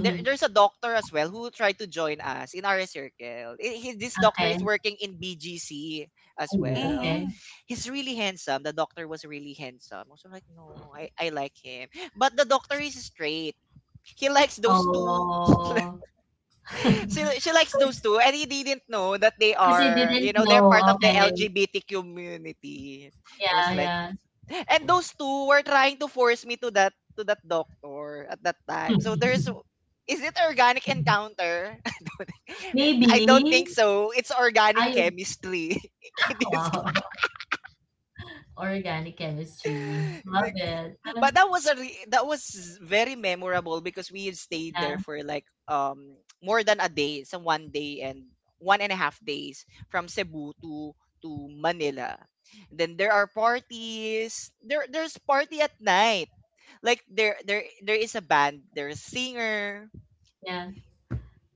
[SPEAKER 1] there there's a doctor as well who tried to join us in our circle. This doctor
[SPEAKER 2] okay.
[SPEAKER 1] is working in BGC as
[SPEAKER 2] Ooh,
[SPEAKER 1] well.
[SPEAKER 2] okay.
[SPEAKER 3] Mm-hmm.
[SPEAKER 1] He's really handsome. The doctor was really handsome. I was like, no, I like him. But the doctor is straight. He likes those two.
[SPEAKER 2] Oh.
[SPEAKER 1] She,
[SPEAKER 2] [laughs]
[SPEAKER 1] she likes those two. And he didn't know that they
[SPEAKER 2] Because you
[SPEAKER 1] are, you
[SPEAKER 2] didn't
[SPEAKER 1] know, they're
[SPEAKER 2] know,
[SPEAKER 1] part of the
[SPEAKER 2] okay.
[SPEAKER 1] LGBTQ community. I was
[SPEAKER 2] Yeah,
[SPEAKER 1] like,
[SPEAKER 2] yeah.
[SPEAKER 1] and those two were trying to force me to that, to that doctor at that time. So there's,
[SPEAKER 2] [laughs]
[SPEAKER 1] is it organic encounter? It-
[SPEAKER 2] Maybe,
[SPEAKER 1] I don't think so. It's organic
[SPEAKER 2] I.
[SPEAKER 1] chemistry. [laughs] It is-
[SPEAKER 2] Wow, [laughs] organic chemistry. Love
[SPEAKER 1] [laughs]
[SPEAKER 2] it.
[SPEAKER 1] but that was a that was very memorable, because we had stayed
[SPEAKER 2] Yeah,
[SPEAKER 1] there for like more than a day, some one day and 1.5 days from Cebu to Manila. Then there are parties. There there's party at night. Like there is a band. There's singer.
[SPEAKER 2] yeah.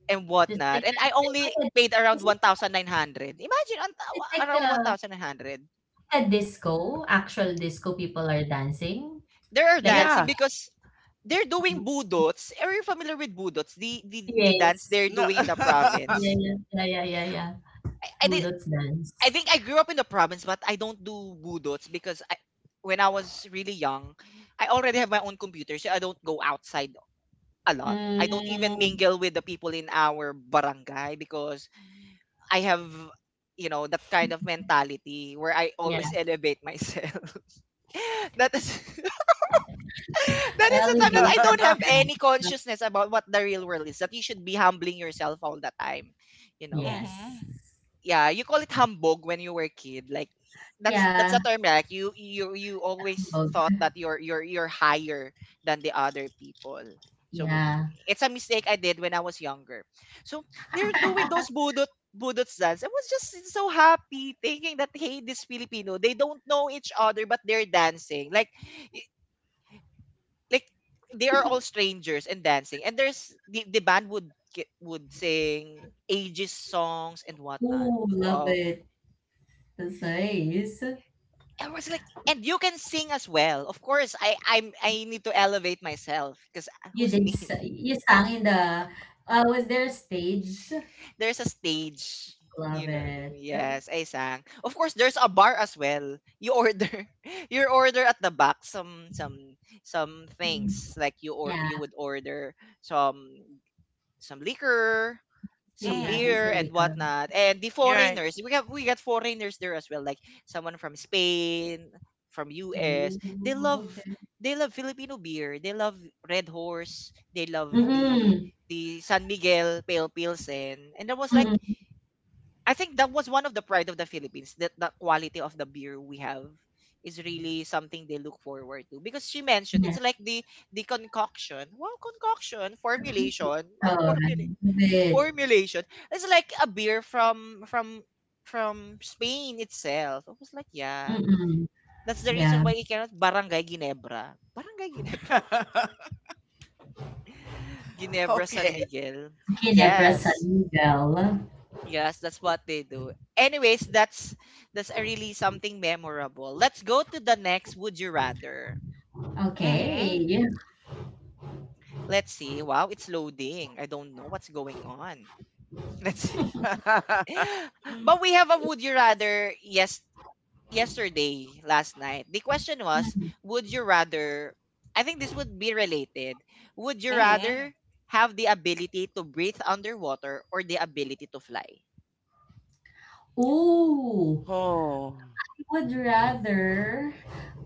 [SPEAKER 1] And
[SPEAKER 2] Just
[SPEAKER 1] whatnot. And I only
[SPEAKER 2] like
[SPEAKER 1] paid
[SPEAKER 2] a
[SPEAKER 1] around
[SPEAKER 2] is it
[SPEAKER 1] 1,900. Imagine, ang
[SPEAKER 2] is it
[SPEAKER 1] tawa-
[SPEAKER 2] like
[SPEAKER 1] around
[SPEAKER 2] a
[SPEAKER 1] 1,900.
[SPEAKER 2] a disco, actual disco people are dancing?
[SPEAKER 1] They are
[SPEAKER 2] Like
[SPEAKER 1] dancing
[SPEAKER 3] Yeah.
[SPEAKER 1] because they're
[SPEAKER 2] a.
[SPEAKER 1] doing budots. Are you familiar with budots? The dance
[SPEAKER 2] Yes.
[SPEAKER 1] they're
[SPEAKER 3] No.
[SPEAKER 1] doing in the
[SPEAKER 3] [laughs]
[SPEAKER 2] Yeah,
[SPEAKER 1] province.
[SPEAKER 2] yeah, yeah, yeah, yeah, yeah.
[SPEAKER 1] Did,
[SPEAKER 2] Budot
[SPEAKER 1] I
[SPEAKER 2] dance.
[SPEAKER 1] think I grew up in the province, but I don't do budots because when I was really young, I already have my own computer, so I don't go outside a lot. I don't even
[SPEAKER 2] Mm,
[SPEAKER 1] mingle with the people in our barangay because I have, you know, that kind of mentality where I
[SPEAKER 2] yeah.
[SPEAKER 1] always elevate myself. [laughs] That is [laughs] that is the time that I don't
[SPEAKER 2] Elevator
[SPEAKER 1] have
[SPEAKER 2] sound.
[SPEAKER 1] any consciousness about what the real world is. That you should be humbling yourself all the time, you know.
[SPEAKER 2] Yes.
[SPEAKER 3] mm-hmm.
[SPEAKER 1] Yeah, you call it hambog when you were a kid. Like that's
[SPEAKER 2] Yeah.
[SPEAKER 1] a term, like you always
[SPEAKER 2] Kabog.
[SPEAKER 1] thought that you're you're higher than the other people. So
[SPEAKER 2] Yeah.
[SPEAKER 1] it's a mistake I did when I was younger. So they're doing those
[SPEAKER 2] [laughs]
[SPEAKER 1] budot dance. I was just so happy thinking that hey, this Filipino, they don't know each other but they're dancing. Y- like they are all strangers and dancing. And there's the band would would sing ages songs and whatnot.
[SPEAKER 2] Oh, love
[SPEAKER 1] Wow,
[SPEAKER 2] it. That's nice.
[SPEAKER 1] I was like, and you can sing as well. Of course, I need to elevate myself because
[SPEAKER 2] You
[SPEAKER 1] who's
[SPEAKER 2] did.
[SPEAKER 1] me? [laughs]
[SPEAKER 2] You sang in the. Was there a stage?
[SPEAKER 1] There's a stage, you
[SPEAKER 2] Love
[SPEAKER 1] know.
[SPEAKER 2] it.
[SPEAKER 1] Yes, I sang. Of course, there's a bar as well. You order [laughs] you order at the back some
[SPEAKER 2] Mm.
[SPEAKER 1] things, like you or
[SPEAKER 2] Yeah.
[SPEAKER 1] you would order some some liquor,
[SPEAKER 2] See,
[SPEAKER 1] some
[SPEAKER 2] yeah, they
[SPEAKER 3] Mm-hmm.
[SPEAKER 1] beer
[SPEAKER 2] still
[SPEAKER 1] and
[SPEAKER 2] Silicon.
[SPEAKER 1] whatnot. And the
[SPEAKER 3] You're right.
[SPEAKER 1] foreigners, we got foreigners there as well, like someone from Spain, from US.
[SPEAKER 2] Oh, okay.
[SPEAKER 1] They love Filipino beer. They love Red Horse. They love
[SPEAKER 2] Mm-mm.
[SPEAKER 1] the San Miguel Pale Pilsen. And that was like,
[SPEAKER 2] Mm-mm.
[SPEAKER 1] I think that was one of the pride of the Philippines. That the quality of the beer we have is really something they look forward to, because she mentioned it's
[SPEAKER 2] Yeah.
[SPEAKER 1] like the concoction, well, concoction formulation
[SPEAKER 2] So,
[SPEAKER 1] ah, [laughs] formulation
[SPEAKER 2] love it.
[SPEAKER 1] formulation. It's like a beer from Spain itself. I was like, yeah,
[SPEAKER 2] Mm-mm.
[SPEAKER 1] that's the reason
[SPEAKER 2] Yeah,
[SPEAKER 1] why it cannot Barangay Ginebra. Barangay Ginebra.
[SPEAKER 3] [laughs]
[SPEAKER 1] [laughs] Ginebra San
[SPEAKER 3] okay.
[SPEAKER 1] Miguel.
[SPEAKER 2] Ginebra San
[SPEAKER 1] Yes.
[SPEAKER 2] Miguel.
[SPEAKER 1] Yes, that's what they do. Anyways, that's a really something memorable. Let's go to the next would you rather.
[SPEAKER 2] Okay.
[SPEAKER 3] Mm-hmm.
[SPEAKER 2] Yeah.
[SPEAKER 1] Let's see. Wow, it's loading. I don't know what's going on. [laughs] Let's see. [laughs] But
[SPEAKER 3] [laughs]
[SPEAKER 1] we have a would you rather yes yesterday, last night. The question was, would you rather, I think this would be related. Would you
[SPEAKER 3] mm-hmm.
[SPEAKER 1] rather have the ability to breathe underwater or the ability to fly? [gasps]
[SPEAKER 2] Ooh,
[SPEAKER 3] Oh.
[SPEAKER 2] I would rather,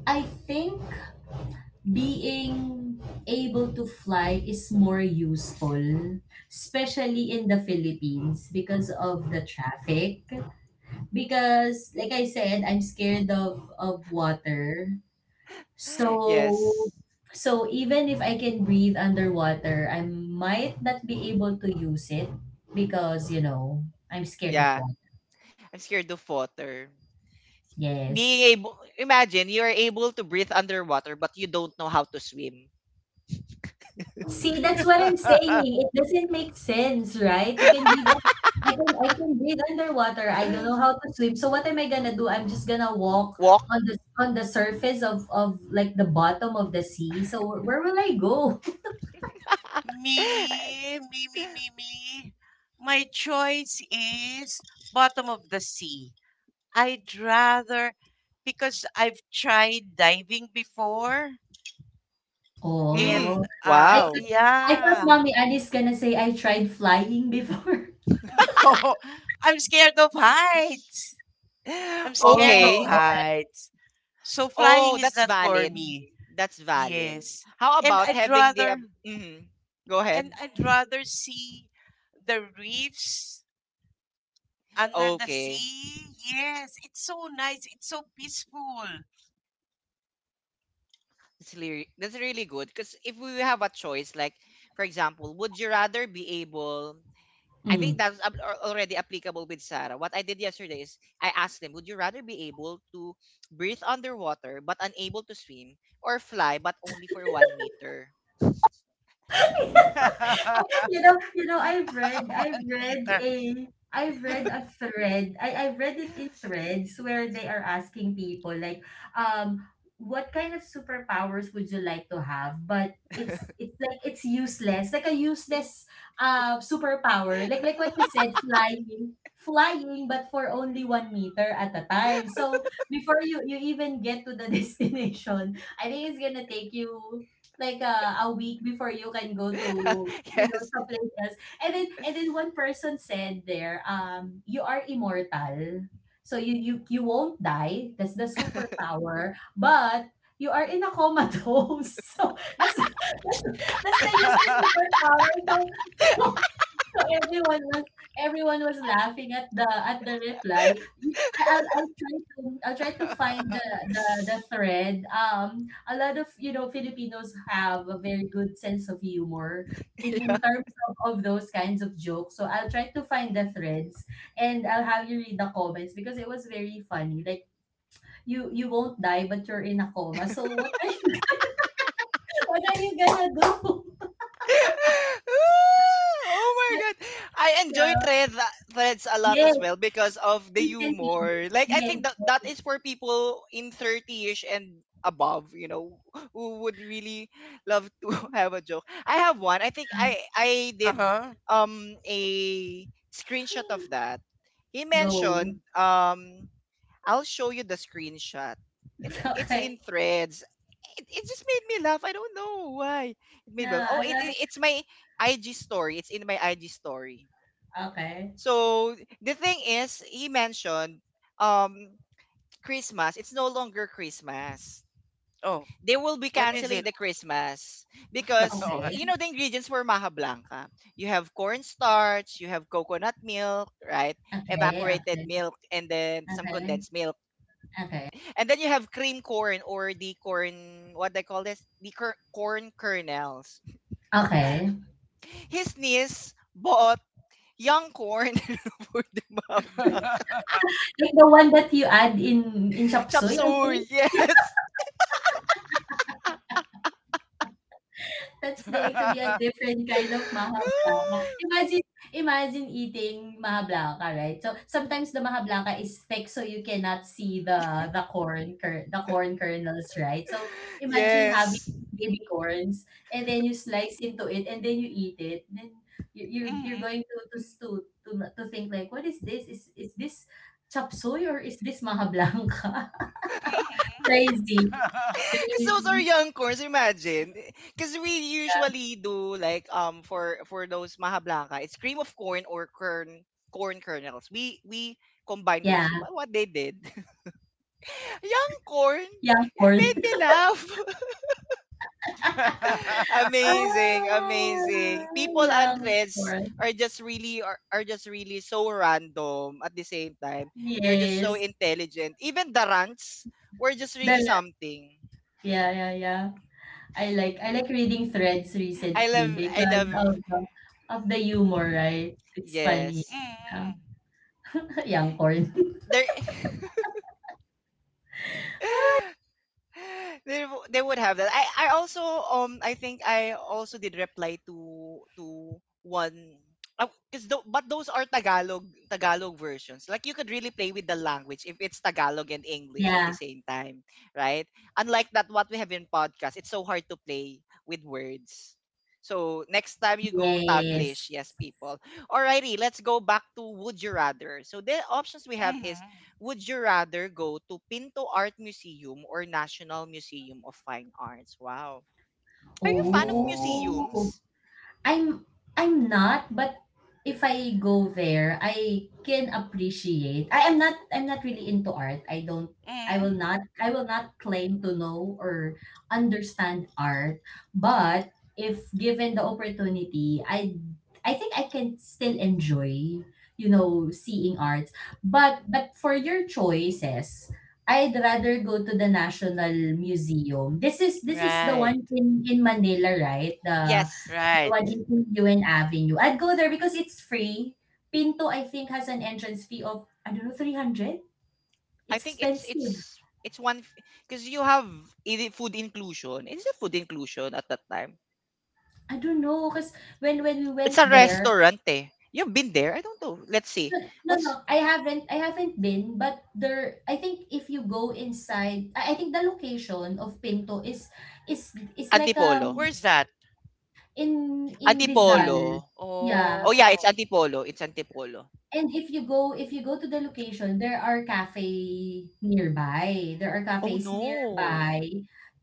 [SPEAKER 2] I think being able to fly is more useful, especially in the Philippines because of the traffic. Because, like I said, I'm scared of water.
[SPEAKER 1] [laughs]
[SPEAKER 2] So
[SPEAKER 1] Yes.
[SPEAKER 2] even if I can breathe underwater, I might not be able to use it because, I'm scared of
[SPEAKER 1] Yeah.
[SPEAKER 2] water.
[SPEAKER 1] I'm scared of water.
[SPEAKER 2] Yes.
[SPEAKER 1] Being able, imagine you're able to breathe underwater but you don't know how to swim.
[SPEAKER 2] See, that's what I'm
[SPEAKER 3] [laughs]
[SPEAKER 2] saying. It doesn't make sense, right? You can breathe. I can breathe underwater. I don't know
[SPEAKER 1] [gasps]
[SPEAKER 2] how to swim. So what am I gonna do? I'm just gonna
[SPEAKER 1] [laughs]
[SPEAKER 2] walk
[SPEAKER 1] Walk.
[SPEAKER 2] on the on the surface of like the bottom of the sea. So where will I go? [laughs]
[SPEAKER 3] Me, me, me, me,
[SPEAKER 1] [laughs]
[SPEAKER 3] me. My choice is bottom of the sea. I'd rather, because I've tried diving before, and
[SPEAKER 2] Oh, I
[SPEAKER 1] Wow. [gasps]
[SPEAKER 2] I thought
[SPEAKER 3] yeah.
[SPEAKER 2] Mommy Annie's gonna say, "I tried flying before." [laughs]
[SPEAKER 3] No, [laughs] I'm scared of heights.
[SPEAKER 1] [laughs]
[SPEAKER 3] I'm
[SPEAKER 2] Oh,
[SPEAKER 3] scared of
[SPEAKER 1] Okay.
[SPEAKER 2] okay.
[SPEAKER 3] heights. So
[SPEAKER 1] Oh,
[SPEAKER 3] flying is
[SPEAKER 1] that's
[SPEAKER 3] not for
[SPEAKER 1] valid.
[SPEAKER 3] me.
[SPEAKER 1] That's valid.
[SPEAKER 3] Yes.
[SPEAKER 1] How
[SPEAKER 3] And
[SPEAKER 1] about
[SPEAKER 3] I'd
[SPEAKER 1] having
[SPEAKER 3] rather
[SPEAKER 1] mhm. Go
[SPEAKER 3] and
[SPEAKER 1] ahead.
[SPEAKER 3] I'd rather see the reefs under the
[SPEAKER 1] Okay.
[SPEAKER 3] sea. Yes, it's so nice. It's so peaceful.
[SPEAKER 1] That's really good. Because if we have a choice, like, for example, would you rather be able, I
[SPEAKER 2] Hmm.
[SPEAKER 1] think that's already applicable with Sarah. What I did yesterday is I asked them, would you rather be able to breathe underwater but unable to swim or fly but only for 1 meter?
[SPEAKER 3] [laughs] One
[SPEAKER 2] I've read,
[SPEAKER 3] meter.
[SPEAKER 2] I've read a thread. I've read it in threads where they are asking people like, um, what kind of superpowers would you like to have? But it's like it's useless, like a useless superpower, like what you said, flying, flying, but for only 1 meter at a time. So before you even get to the [laughs] destination, I think it's gonna take you. Like a week before you can go to
[SPEAKER 1] [laughs] Yes.
[SPEAKER 2] someplace else. And then one person said there, you are immortal. So you won't die. That's the superpower. But you are in a comatose. [laughs] So that's the useless
[SPEAKER 3] [laughs]
[SPEAKER 2] superpower. So, so So everyone was laughing at the reply. I'll try to find the thread. A lot of Filipinos have a very good sense of humor in terms of those kinds of jokes. So I'll try to find the threads and I'll have you read the comments because it was very funny. Like you won't die but you're in a coma. So what are you [laughs] what are you gonna do?
[SPEAKER 1] [laughs] Oh
[SPEAKER 2] [laughs]
[SPEAKER 1] my
[SPEAKER 2] But,
[SPEAKER 1] god. I enjoy
[SPEAKER 2] yeah.
[SPEAKER 1] threads a lot
[SPEAKER 2] Yes,
[SPEAKER 1] as well because of the
[SPEAKER 2] recently.
[SPEAKER 1] humor. Like, I
[SPEAKER 2] Yes,
[SPEAKER 1] think that that is for people in 30ish and above, who would really love to [laughs] have a joke. I have one. I think I did
[SPEAKER 3] uh-huh.
[SPEAKER 1] a screenshot of that. He
[SPEAKER 2] go.
[SPEAKER 1] mentioned. I'll show you the screenshot. It's
[SPEAKER 2] Okay.
[SPEAKER 1] in threads. It just made me laugh. I don't know why. It made me laugh. Oh, it,
[SPEAKER 2] Naalala.
[SPEAKER 1] it it's my IG story. It's in my IG story.
[SPEAKER 2] Okey,
[SPEAKER 1] So the thing is, he mentioned um Christmas. It's no longer Christmas.
[SPEAKER 3] Oh,
[SPEAKER 1] They will be
[SPEAKER 3] what is
[SPEAKER 1] canceling
[SPEAKER 3] it?
[SPEAKER 1] the Christmas
[SPEAKER 3] [laughs]
[SPEAKER 1] because
[SPEAKER 3] what?
[SPEAKER 2] okay,
[SPEAKER 1] you know the ingredients for maha blanca. You have cornstarch, you have coconut milk, right?
[SPEAKER 2] okay,
[SPEAKER 1] Evaporated
[SPEAKER 2] okay,
[SPEAKER 1] milk, and then some
[SPEAKER 2] okay,
[SPEAKER 1] condensed milk.
[SPEAKER 2] okay,
[SPEAKER 1] And then you have cream corn or the corn, what they call this? The corn kernels.
[SPEAKER 2] okay.
[SPEAKER 1] His niece bought young corn [laughs] for the mabang.
[SPEAKER 2] Like the one that you add in chop
[SPEAKER 1] Chop
[SPEAKER 2] suey, I
[SPEAKER 1] suey,
[SPEAKER 2] think?
[SPEAKER 1] yes.
[SPEAKER 2] That's going to be a
[SPEAKER 3] [laughs]
[SPEAKER 2] different kind of maha
[SPEAKER 1] [sighs]
[SPEAKER 2] blanca. Imagine eating maha blanca, right? So sometimes the maha blanca is thick so you cannot see the corn kernels, right? So imagine having
[SPEAKER 1] [laughs] Yes.
[SPEAKER 2] baby corns and then you slice into it and then you eat it. Then you're
[SPEAKER 3] Mhm.
[SPEAKER 2] going to, to think, like, what is this? Is this chop soy or is this maha blanca?
[SPEAKER 3] [laughs]
[SPEAKER 2] [laughs]
[SPEAKER 3] Mhm.
[SPEAKER 2] Crazy.
[SPEAKER 1] Because those are
[SPEAKER 2] Crazy.
[SPEAKER 1] young corns, imagine. Because we usually do, like for those maha blanca, it's cream of corn or kern corn kernels. We combine those
[SPEAKER 2] Yeah.
[SPEAKER 1] two. But what they did, [laughs] young corn,
[SPEAKER 2] Yeah,
[SPEAKER 1] it made
[SPEAKER 2] corn.
[SPEAKER 1] me laugh. [laughs] Amazing,
[SPEAKER 2] Ah,
[SPEAKER 1] amazing. People
[SPEAKER 2] yeah,
[SPEAKER 1] on
[SPEAKER 2] of
[SPEAKER 1] threads
[SPEAKER 2] course.
[SPEAKER 1] are just really so random at the same time. They're just so
[SPEAKER 2] Yes.
[SPEAKER 1] intelligent. Even the rants were just really
[SPEAKER 2] The,
[SPEAKER 1] something.
[SPEAKER 2] yeah, yeah, yeah. I like reading threads
[SPEAKER 1] I
[SPEAKER 2] recently
[SPEAKER 1] love I
[SPEAKER 2] because
[SPEAKER 1] love
[SPEAKER 2] of the humor, right? It's funny.
[SPEAKER 1] Yes.
[SPEAKER 2] Yeah.
[SPEAKER 3] Mhm.
[SPEAKER 2] [laughs] Young corn.
[SPEAKER 1] There, [laughs] they would have that. I also I think I also did reply to one, because, but those are Tagalog versions. Like, you could really play with the language if it's Tagalog and English at the
[SPEAKER 2] Yeah.
[SPEAKER 1] same time, right? Unlike that what we have in podcast, it's so hard to play with words. So next time you go
[SPEAKER 2] Yes.
[SPEAKER 1] Taglish, yes, people. Alrighty, let's go back to would you rather. So the options we have is,
[SPEAKER 3] Mhm.
[SPEAKER 1] would you rather go to Pinto Art Museum or National Museum of Fine Arts? Wow. Are you a fan of
[SPEAKER 3] Oh.
[SPEAKER 2] Oh.
[SPEAKER 1] museums?
[SPEAKER 2] I'm I'm not, but if I go there, I can appreciate. I'm not really into art.
[SPEAKER 3] Mm.
[SPEAKER 2] I will not claim to know or understand art, but if given the opportunity, I think I can still enjoy seeing arts. But for your choices, I'd rather go to the National Museum. This is the
[SPEAKER 3] Right.
[SPEAKER 2] one in Manila, right? The
[SPEAKER 1] Yes.
[SPEAKER 3] Right.
[SPEAKER 2] one in UN Avenue. I'd go there because it's free. Pinto, I think, has an entrance fee of, I don't know, 300.
[SPEAKER 1] I
[SPEAKER 2] It's
[SPEAKER 1] think it's
[SPEAKER 2] expensive.
[SPEAKER 1] it's it's one because you have food inclusion. Is it food inclusion at that time?
[SPEAKER 2] I don't know, because when we
[SPEAKER 1] It's a
[SPEAKER 2] went there.
[SPEAKER 1] restaurant, eh. You've been there? I don't know. Let's see.
[SPEAKER 2] No, no, no,
[SPEAKER 1] What's
[SPEAKER 2] I haven't been, but there, I think if you go inside, I think the location of Pinto is like,
[SPEAKER 1] Antipolo?
[SPEAKER 3] Where's that?
[SPEAKER 2] in Rizal.
[SPEAKER 1] Antipolo.
[SPEAKER 2] Yeah.
[SPEAKER 1] Oh yeah, it's
[SPEAKER 3] Oh.
[SPEAKER 1] Antipolo. It's Antipolo.
[SPEAKER 2] And if you go to the location, there are cafe nearby. There are
[SPEAKER 1] Oh
[SPEAKER 2] cafes
[SPEAKER 1] no.
[SPEAKER 2] nearby.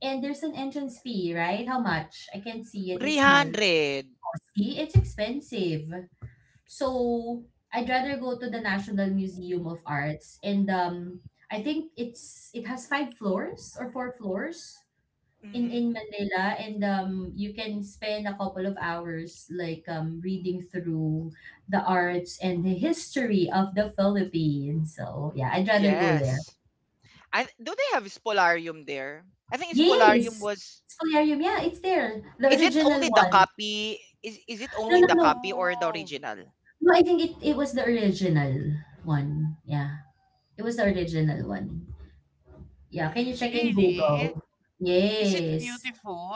[SPEAKER 2] And there's an entrance fee, right? How much? I can't see it. It's small.
[SPEAKER 1] 300.
[SPEAKER 2] See, it's expensive. So I'd rather go to the National Museum of Arts. And I think it has five floors or four floors in
[SPEAKER 1] Mm-hmm.
[SPEAKER 2] Manila, and you can spend a couple of hours, like, reading through the arts and the history of the Philippines. So, yeah, I'd rather go there.
[SPEAKER 1] Yes. I do they have Spolarium there? I think Spolarium
[SPEAKER 2] Yes.
[SPEAKER 1] was,
[SPEAKER 2] Solarium, yeah, it's there. The
[SPEAKER 1] is it
[SPEAKER 2] original
[SPEAKER 1] only the
[SPEAKER 2] one.
[SPEAKER 1] copy? Is it
[SPEAKER 2] No,
[SPEAKER 1] only
[SPEAKER 2] no,
[SPEAKER 1] the
[SPEAKER 2] no.
[SPEAKER 1] copy or the
[SPEAKER 3] Oh.
[SPEAKER 1] original?
[SPEAKER 2] No, I think it was the original one. Yeah. It was the original one. Yeah, can you
[SPEAKER 1] Mm,
[SPEAKER 2] check in
[SPEAKER 3] Really?
[SPEAKER 2] Google?
[SPEAKER 3] Is it
[SPEAKER 2] Yes.
[SPEAKER 3] beautiful?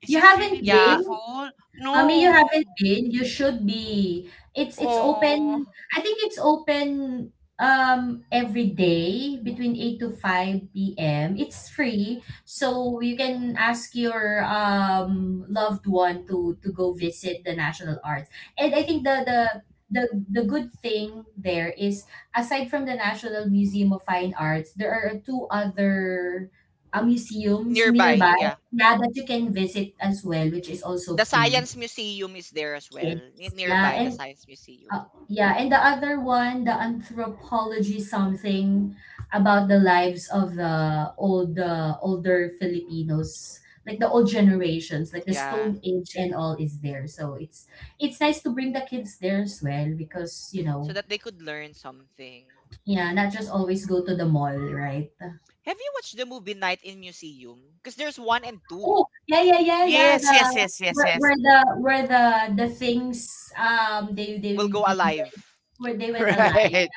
[SPEAKER 3] Is
[SPEAKER 2] You
[SPEAKER 3] it really
[SPEAKER 2] haven't
[SPEAKER 1] yeah,
[SPEAKER 2] been?
[SPEAKER 3] beautiful?
[SPEAKER 2] Mommy, you
[SPEAKER 3] No.
[SPEAKER 2] haven't been. You should be. It's
[SPEAKER 3] Oh.
[SPEAKER 2] open. I think it's open every day between 8 to 5 p.m. It's free. So you can ask your loved one to go visit the National Arts. And I think
[SPEAKER 1] mhm.
[SPEAKER 2] the the good thing there is, aside from the National Museum of Fine Arts, there are two other museums
[SPEAKER 1] Nearby,
[SPEAKER 2] nearby,
[SPEAKER 1] yeah.
[SPEAKER 2] yeah, that you can visit as well, which is also
[SPEAKER 1] The
[SPEAKER 2] free.
[SPEAKER 1] Science Museum is there as well.
[SPEAKER 2] Yes. Yeah,
[SPEAKER 1] Nearby the
[SPEAKER 2] and
[SPEAKER 1] Science Museum.
[SPEAKER 2] yeah, and the other one, the anthropology, something about the lives of the old older Filipinos, like the old generations, like the
[SPEAKER 1] Yeah,
[SPEAKER 2] Stone Age and all, is there. So it's nice to bring the kids there as well, because, you
[SPEAKER 1] so
[SPEAKER 2] know,
[SPEAKER 1] that they could learn something.
[SPEAKER 2] yeah, not just always go to the mall, right?
[SPEAKER 1] Have you watched the movie Night in Museum? Because there's one and two.
[SPEAKER 2] Oh, yeah, yeah, yeah, yeah.
[SPEAKER 3] Yes,
[SPEAKER 2] The
[SPEAKER 3] yes, yes, yes, yes.
[SPEAKER 2] where the things, they
[SPEAKER 1] Will
[SPEAKER 2] they
[SPEAKER 1] go
[SPEAKER 2] they
[SPEAKER 1] alive.
[SPEAKER 2] where they
[SPEAKER 3] [laughs]
[SPEAKER 2] went alive.
[SPEAKER 3] Right.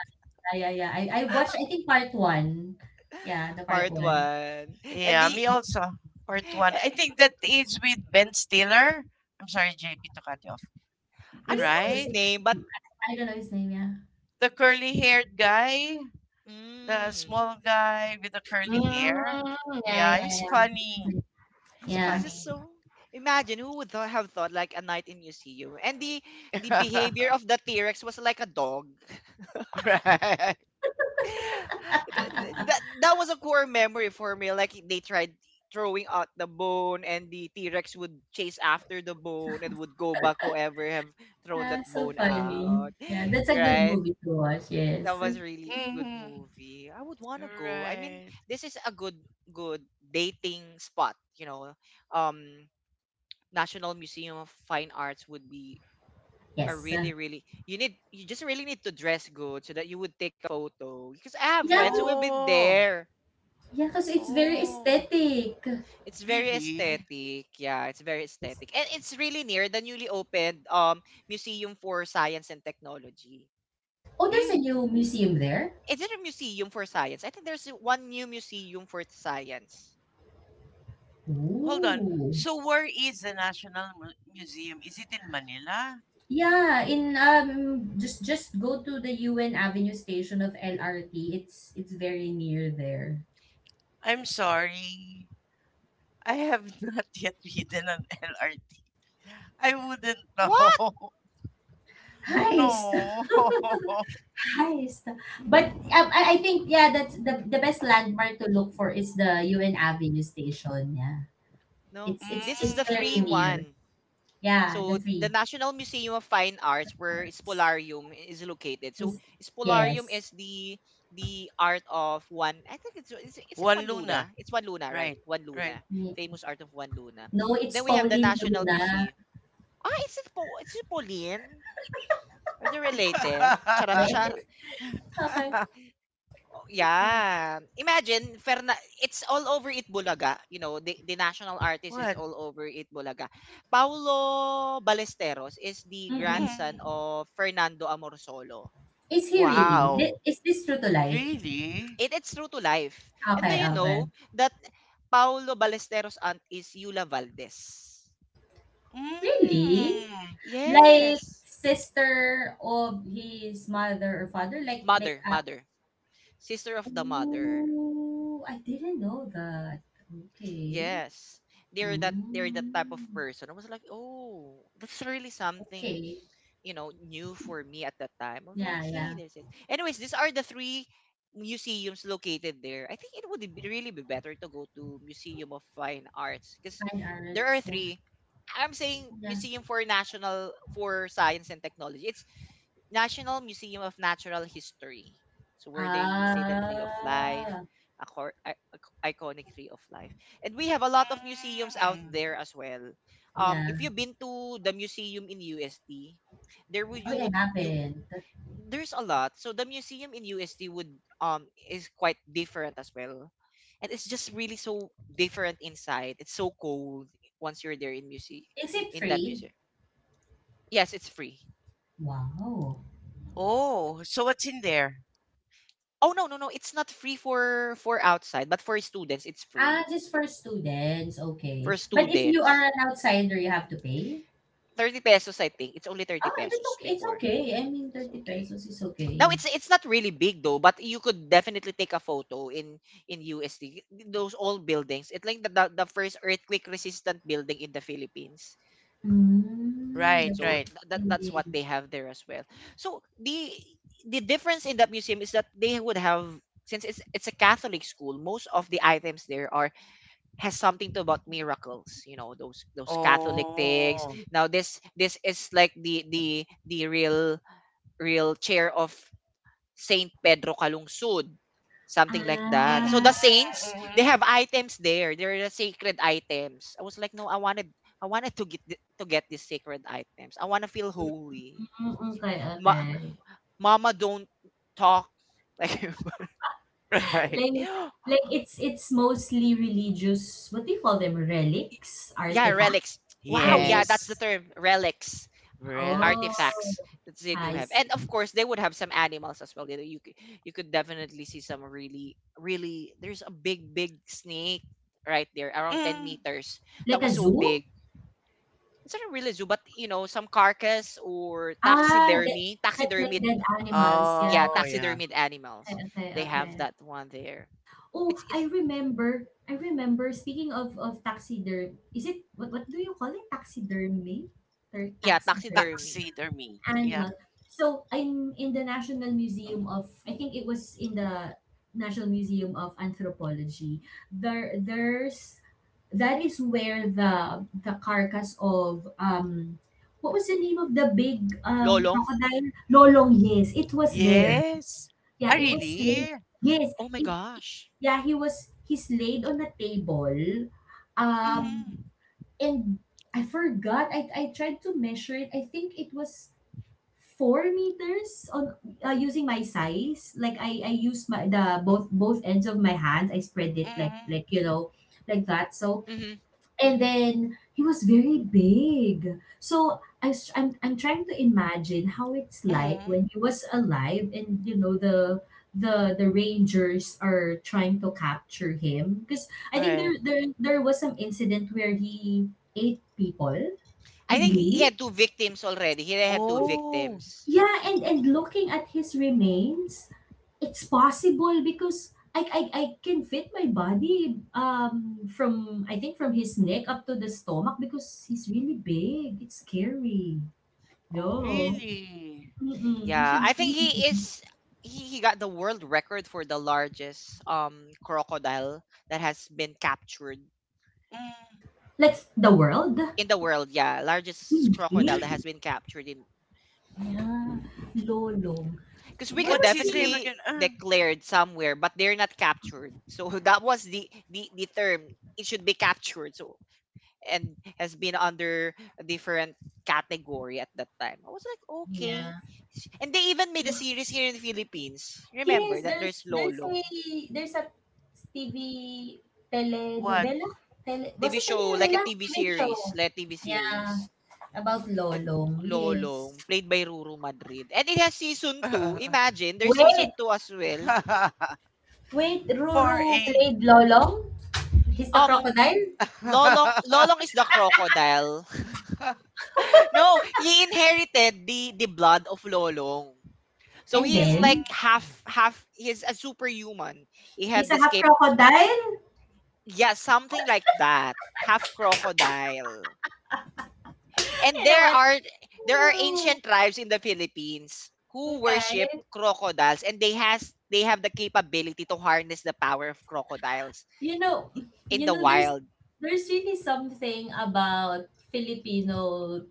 [SPEAKER 2] Yeah, yeah, yeah. I watched, I think, part one. Yeah, the
[SPEAKER 1] [laughs]
[SPEAKER 2] part
[SPEAKER 1] Part
[SPEAKER 2] one.
[SPEAKER 1] one. And
[SPEAKER 3] Yeah,
[SPEAKER 1] the
[SPEAKER 3] me also. Part one. I
[SPEAKER 1] eh,
[SPEAKER 3] think that is with Ben Stiller. I'm sorry, JP, to cut you off.
[SPEAKER 1] I don't
[SPEAKER 2] Was
[SPEAKER 1] know
[SPEAKER 2] was
[SPEAKER 3] Right?
[SPEAKER 1] his
[SPEAKER 2] it
[SPEAKER 1] name, but
[SPEAKER 2] I don't know his name, yeah.
[SPEAKER 3] The curly haired guy, the
[SPEAKER 1] mm,
[SPEAKER 3] small guy with the curly
[SPEAKER 2] Mm,
[SPEAKER 3] hair.
[SPEAKER 2] yeah, yeah,
[SPEAKER 3] Yeah, he's
[SPEAKER 2] yeah.
[SPEAKER 3] funny. He's
[SPEAKER 1] this is
[SPEAKER 2] Yeah.
[SPEAKER 1] just
[SPEAKER 3] funny.
[SPEAKER 1] so. Imagine who would have thought, like a night in museum, and the
[SPEAKER 3] [laughs] right.
[SPEAKER 1] behavior of the T Rex was like a dog. [sighs] [laughs] That was a core memory for me. Like, they tried throwing out the bone, and the T Rex would chase after the bone and would go back whoever have thrown that
[SPEAKER 2] Yeah, so
[SPEAKER 1] bone
[SPEAKER 2] funny.
[SPEAKER 1] out. [gasps]
[SPEAKER 2] Yeah, that's
[SPEAKER 1] [laughs]
[SPEAKER 2] a good
[SPEAKER 1] Right?
[SPEAKER 2] movie to watch,
[SPEAKER 1] That
[SPEAKER 2] yes.
[SPEAKER 1] was really good
[SPEAKER 3] Mm-hmm.
[SPEAKER 1] movie. I would want to go. I mean,
[SPEAKER 3] Right.
[SPEAKER 1] this is a good dating spot. You know, um National Museum of Fine Arts would be a
[SPEAKER 2] Yes.
[SPEAKER 1] really, really, you just really need to dress good so that you would take a photo. Because I have
[SPEAKER 2] Yeah,
[SPEAKER 1] friends who have been
[SPEAKER 3] Oh.
[SPEAKER 1] there.
[SPEAKER 2] yeah, because it's very
[SPEAKER 3] Oh.
[SPEAKER 2] aesthetic.
[SPEAKER 1] It's very
[SPEAKER 3] Really?
[SPEAKER 1] aesthetic. Yeah, it's very
[SPEAKER 2] Yes.
[SPEAKER 1] aesthetic. And it's really near the newly opened Museum for Science and Technology.
[SPEAKER 2] Oh, there's
[SPEAKER 3] Hmm.
[SPEAKER 2] a new museum there.
[SPEAKER 1] Is it a museum for science? I think there's one new museum for science.
[SPEAKER 3] Hold on.
[SPEAKER 2] Ooh.
[SPEAKER 3] So where is the National Mu- Museum? Is it in Manila?
[SPEAKER 2] Yeah, in just go to the UN Avenue station of LRT. It's very near there.
[SPEAKER 3] I'm sorry. I have [laughs] not yet ridden an LRT. I wouldn't
[SPEAKER 1] What?
[SPEAKER 3] know. [laughs]
[SPEAKER 2] Hi,
[SPEAKER 3] No. [laughs]
[SPEAKER 2] Highest, but, I think, yeah, that's the best landmark to look for is the UN Avenue station, yeah.
[SPEAKER 1] No.
[SPEAKER 2] It's it's
[SPEAKER 1] This is
[SPEAKER 2] it's
[SPEAKER 1] the
[SPEAKER 2] very
[SPEAKER 1] three
[SPEAKER 3] Mm.
[SPEAKER 2] near.
[SPEAKER 1] one.
[SPEAKER 2] Yeah,
[SPEAKER 1] So
[SPEAKER 2] the
[SPEAKER 1] the
[SPEAKER 2] three
[SPEAKER 1] National Museum of Fine Arts, where
[SPEAKER 2] arts
[SPEAKER 1] Spolarium is located. So
[SPEAKER 2] is,
[SPEAKER 1] Spolarium
[SPEAKER 2] yes.
[SPEAKER 1] is the art of one. I think it's is it
[SPEAKER 3] One
[SPEAKER 1] one
[SPEAKER 3] Luna.
[SPEAKER 1] Luna? It's one Luna, right?
[SPEAKER 3] Right,
[SPEAKER 1] One
[SPEAKER 3] right.
[SPEAKER 1] Luna,
[SPEAKER 2] Ye
[SPEAKER 1] famous art of one Luna.
[SPEAKER 2] No, it's
[SPEAKER 1] Then we have the
[SPEAKER 2] Pauline
[SPEAKER 1] National
[SPEAKER 2] Luna.
[SPEAKER 1] Museum. Ah, is it po? Is it Pauline? Are they related? Charap
[SPEAKER 2] Yes,
[SPEAKER 3] [laughs]
[SPEAKER 1] charap.
[SPEAKER 2] [laughs] okey.
[SPEAKER 1] Yeah. Imagine, Ferna it's all over Itbulaga, the national artist is
[SPEAKER 3] what?
[SPEAKER 1] all over Itbulaga. Paulo Balesteros is the
[SPEAKER 2] Mm.
[SPEAKER 1] grandson
[SPEAKER 3] Mm.
[SPEAKER 1] of Fernando Amorsolo.
[SPEAKER 2] Is he really? Thi
[SPEAKER 3] Wow.
[SPEAKER 2] is this true to life?
[SPEAKER 3] Really?
[SPEAKER 1] It's true to life. And
[SPEAKER 2] Okey,
[SPEAKER 1] do you
[SPEAKER 2] okey.
[SPEAKER 1] know that Paulo Balesteros' aunt is Yula Valdez?
[SPEAKER 2] Really?
[SPEAKER 3] Mm.
[SPEAKER 2] Like,
[SPEAKER 1] Yes.
[SPEAKER 2] sister of his mother or father?
[SPEAKER 1] Mother, mother. Sister of the mother.
[SPEAKER 2] Oh, I didn't know that. Okay.
[SPEAKER 1] Yes. They're that type of
[SPEAKER 2] Mm.
[SPEAKER 1] person. I was like, "Oh, that's really something
[SPEAKER 2] Okay.
[SPEAKER 1] new for me at that time." I was
[SPEAKER 2] Yeah,
[SPEAKER 1] like, hey,
[SPEAKER 2] yeah.
[SPEAKER 1] there's this. Anyways, these are the three museums located there. I think it would be better to go to Museum of Fine Arts because
[SPEAKER 2] Fine
[SPEAKER 1] there are
[SPEAKER 2] arts. Yeah,
[SPEAKER 1] three. I'm saying
[SPEAKER 2] yeah.
[SPEAKER 1] Museum for National for Science and Technology. It's National Museum of Natural History. So where they say the Tree of Life,
[SPEAKER 2] Ah,
[SPEAKER 1] a iconic Tree of Life. And we have a lot of museums out
[SPEAKER 3] Mm.
[SPEAKER 1] there as well. If
[SPEAKER 2] yeah.
[SPEAKER 1] you've been to the museum in UST, there
[SPEAKER 2] Oh, I
[SPEAKER 1] would you
[SPEAKER 2] haven't.
[SPEAKER 1] there's a lot. So the museum in UST would is quite different as well. And it's just really so different inside. It's so cold once you're there,
[SPEAKER 2] Is it
[SPEAKER 1] in that
[SPEAKER 2] free?
[SPEAKER 1] museum. Yes, it's free.
[SPEAKER 2] Wow.
[SPEAKER 3] Oh, so what's in there?
[SPEAKER 1] Oh, no, no, no. It's not free for outside, but for students, it's
[SPEAKER 2] Ah,
[SPEAKER 1] free.
[SPEAKER 2] just for students. Okay.
[SPEAKER 1] For
[SPEAKER 2] But if you are an
[SPEAKER 1] students,
[SPEAKER 2] outsider, you have to pay?
[SPEAKER 1] 30 pesos, I think. It's only 30
[SPEAKER 2] Oh, that's
[SPEAKER 1] pesos
[SPEAKER 2] okay. It's
[SPEAKER 1] before.
[SPEAKER 2] okay. I mean,
[SPEAKER 1] It's
[SPEAKER 2] 30
[SPEAKER 1] okay.
[SPEAKER 2] pesos is
[SPEAKER 1] Now,
[SPEAKER 2] okay.
[SPEAKER 1] it's not really big though, but you could definitely take a photo in USD. Those old buildings, it's like the first earthquake resistant building in the Philippines.
[SPEAKER 2] Mm,
[SPEAKER 3] Right,
[SPEAKER 2] that's
[SPEAKER 1] So
[SPEAKER 3] right.
[SPEAKER 1] that's what
[SPEAKER 2] interesting.
[SPEAKER 1] they have there as well. So the difference in that museum is that they would have, since it's a Catholic school, most of the items there are has something to about miracles, those Catholic things.
[SPEAKER 3] Oh.
[SPEAKER 1] Now this is like the real chair of Saint Pedro Calungsod, something like
[SPEAKER 3] Mm,
[SPEAKER 1] that. So
[SPEAKER 2] Ah.
[SPEAKER 1] the saints,
[SPEAKER 3] mm,
[SPEAKER 1] they
[SPEAKER 3] mm,
[SPEAKER 1] have items there, they're the sacred items. I was like, no, I wanted to get these sacred items. I want to feel holy.
[SPEAKER 2] Mm, okay,
[SPEAKER 1] Ma-
[SPEAKER 2] okay.
[SPEAKER 1] mama don't talk [laughs] like [gasps]
[SPEAKER 3] mm. [laughs] Right.
[SPEAKER 2] Like
[SPEAKER 1] yeah,
[SPEAKER 2] like, it's mostly religious, what do you call them, relics, artifact,
[SPEAKER 1] relics. Wow, yeah,
[SPEAKER 2] relic?
[SPEAKER 1] that's the
[SPEAKER 3] Yes.
[SPEAKER 1] term, relics,
[SPEAKER 2] Oh,
[SPEAKER 3] Relics.
[SPEAKER 1] artifacts that they do
[SPEAKER 2] I
[SPEAKER 1] have. And
[SPEAKER 2] see.
[SPEAKER 1] of course they would have some animals as well, you could definitely see some really, really, there's a big, big snake right there, around 10
[SPEAKER 3] Mm.
[SPEAKER 1] meters. That
[SPEAKER 2] Like a
[SPEAKER 1] was so
[SPEAKER 2] zoo?
[SPEAKER 1] big. It's not really a really zoo, but some carcass or
[SPEAKER 2] Ah, the
[SPEAKER 1] taxidermy
[SPEAKER 2] like
[SPEAKER 1] taxidermied
[SPEAKER 2] dead animals. Yeah.
[SPEAKER 1] yeah,
[SPEAKER 3] Oh, yeah.
[SPEAKER 1] taxidermied animals,
[SPEAKER 2] Okay, okay,
[SPEAKER 1] they have
[SPEAKER 2] okay.
[SPEAKER 1] that one there.
[SPEAKER 2] Oh,
[SPEAKER 1] it's
[SPEAKER 2] I
[SPEAKER 1] it's
[SPEAKER 2] remember. I remember. Speaking of taxiderm, is it, what do you call it? Taxidermy? Ter
[SPEAKER 1] yeah,
[SPEAKER 2] Taxiderm?
[SPEAKER 1] taxidermy.
[SPEAKER 3] Taxidermy. Yeah.
[SPEAKER 2] Animal. So I'm in the National Museum of— I think it was in the National Museum of Anthropology. There's that is where the carcass of, what was the name of the big,
[SPEAKER 1] Lolong.
[SPEAKER 2] crocodile? Lolong, yes, it was there.
[SPEAKER 3] Yes. Ah,
[SPEAKER 2] Yeah, it was laid.
[SPEAKER 3] really?
[SPEAKER 2] Yes,
[SPEAKER 1] Oh my
[SPEAKER 2] it,
[SPEAKER 1] gosh.
[SPEAKER 2] yeah, he's laid on a table. Um
[SPEAKER 3] Mm-hmm.
[SPEAKER 2] and I forgot. I tried to measure it. I think it was 4 meters on, using my size. Like I used my the both ends of my hands. I spread it like
[SPEAKER 3] Mm-hmm.
[SPEAKER 2] like you know, like that. So,
[SPEAKER 1] Hmm.
[SPEAKER 2] and then he was very big. So I'm trying to imagine how it's like
[SPEAKER 3] Mm-hmm.
[SPEAKER 2] when he was alive, and you know, the rangers are trying to capture him, because I think
[SPEAKER 3] Right.
[SPEAKER 2] there was some incident where he ate people.
[SPEAKER 1] I
[SPEAKER 2] Did
[SPEAKER 1] think he
[SPEAKER 2] he?
[SPEAKER 1] had two victims already. He had two
[SPEAKER 3] Oh,
[SPEAKER 1] victims.
[SPEAKER 2] Yeah, and looking at his remains, it's possible because I can fit my body, from, I think, from his neck up to the stomach, because he's really big. It's scary. No.
[SPEAKER 1] Oh.
[SPEAKER 3] really?
[SPEAKER 2] Mm-mm, you
[SPEAKER 1] Yeah,
[SPEAKER 2] should
[SPEAKER 1] I think
[SPEAKER 2] see
[SPEAKER 1] he
[SPEAKER 2] him.
[SPEAKER 1] is he, he got the world record for the largest crocodile that has been captured
[SPEAKER 3] Mm.
[SPEAKER 2] Like the world?
[SPEAKER 1] in the world. Yeah, largest
[SPEAKER 2] Hindi.
[SPEAKER 1] crocodile that has been captured in,
[SPEAKER 2] Yeah. Lolo.
[SPEAKER 1] because we
[SPEAKER 2] Where
[SPEAKER 1] could
[SPEAKER 3] What's
[SPEAKER 2] was
[SPEAKER 3] his name
[SPEAKER 2] he?
[SPEAKER 1] definitely
[SPEAKER 3] again?
[SPEAKER 1] declared somewhere, but they're not captured. So, [laughs] that was the term. It should be captured. So, and has been under a different category at that time. I was like, okay.
[SPEAKER 2] Yeah.
[SPEAKER 1] And they even made a series here in the Philippines. Remember
[SPEAKER 2] Yes,
[SPEAKER 1] that
[SPEAKER 2] there's
[SPEAKER 1] there's
[SPEAKER 2] there's a
[SPEAKER 1] Lolong.
[SPEAKER 2] there's a TV
[SPEAKER 3] What?
[SPEAKER 2] telenovela? Tele was
[SPEAKER 1] TV
[SPEAKER 2] it
[SPEAKER 1] show, like
[SPEAKER 2] telenovela?
[SPEAKER 1] a TV
[SPEAKER 2] TV show.
[SPEAKER 1] series, like a TV
[SPEAKER 2] Yeah,
[SPEAKER 1] series
[SPEAKER 2] about
[SPEAKER 1] that
[SPEAKER 2] Lolong, yes.
[SPEAKER 1] Lolong played by Ruru Madrid. And it has season 2.
[SPEAKER 3] [laughs]
[SPEAKER 1] Imagine, there's
[SPEAKER 2] Wait,
[SPEAKER 1] season 2 as well.
[SPEAKER 2] wait,
[SPEAKER 3] For
[SPEAKER 2] Ruru
[SPEAKER 3] a.
[SPEAKER 2] played Lolong? He's the
[SPEAKER 1] Um
[SPEAKER 2] crocodile?
[SPEAKER 1] Lolong
[SPEAKER 3] [laughs]
[SPEAKER 1] Lolong is the crocodile.
[SPEAKER 3] Mm.
[SPEAKER 1] [laughs] No, he inherited the blood of Lolong. So
[SPEAKER 2] And
[SPEAKER 1] he is like
[SPEAKER 2] then,
[SPEAKER 1] half he's a superhuman. He had
[SPEAKER 2] he's a
[SPEAKER 1] this
[SPEAKER 2] half
[SPEAKER 1] cape.
[SPEAKER 2] crocodile?
[SPEAKER 1] Yeah, something like that. Half crocodile.
[SPEAKER 2] [laughs]
[SPEAKER 1] And
[SPEAKER 2] You know
[SPEAKER 1] there
[SPEAKER 2] what?
[SPEAKER 1] are there are
[SPEAKER 2] Oh,
[SPEAKER 1] ancient tribes in the Philippines who
[SPEAKER 2] okay.
[SPEAKER 1] worship crocodiles, and they have the capability to harness the power of crocodiles
[SPEAKER 2] You know,
[SPEAKER 1] in
[SPEAKER 2] you
[SPEAKER 1] the
[SPEAKER 2] know, there's
[SPEAKER 1] wild.
[SPEAKER 2] there's really something about Filipino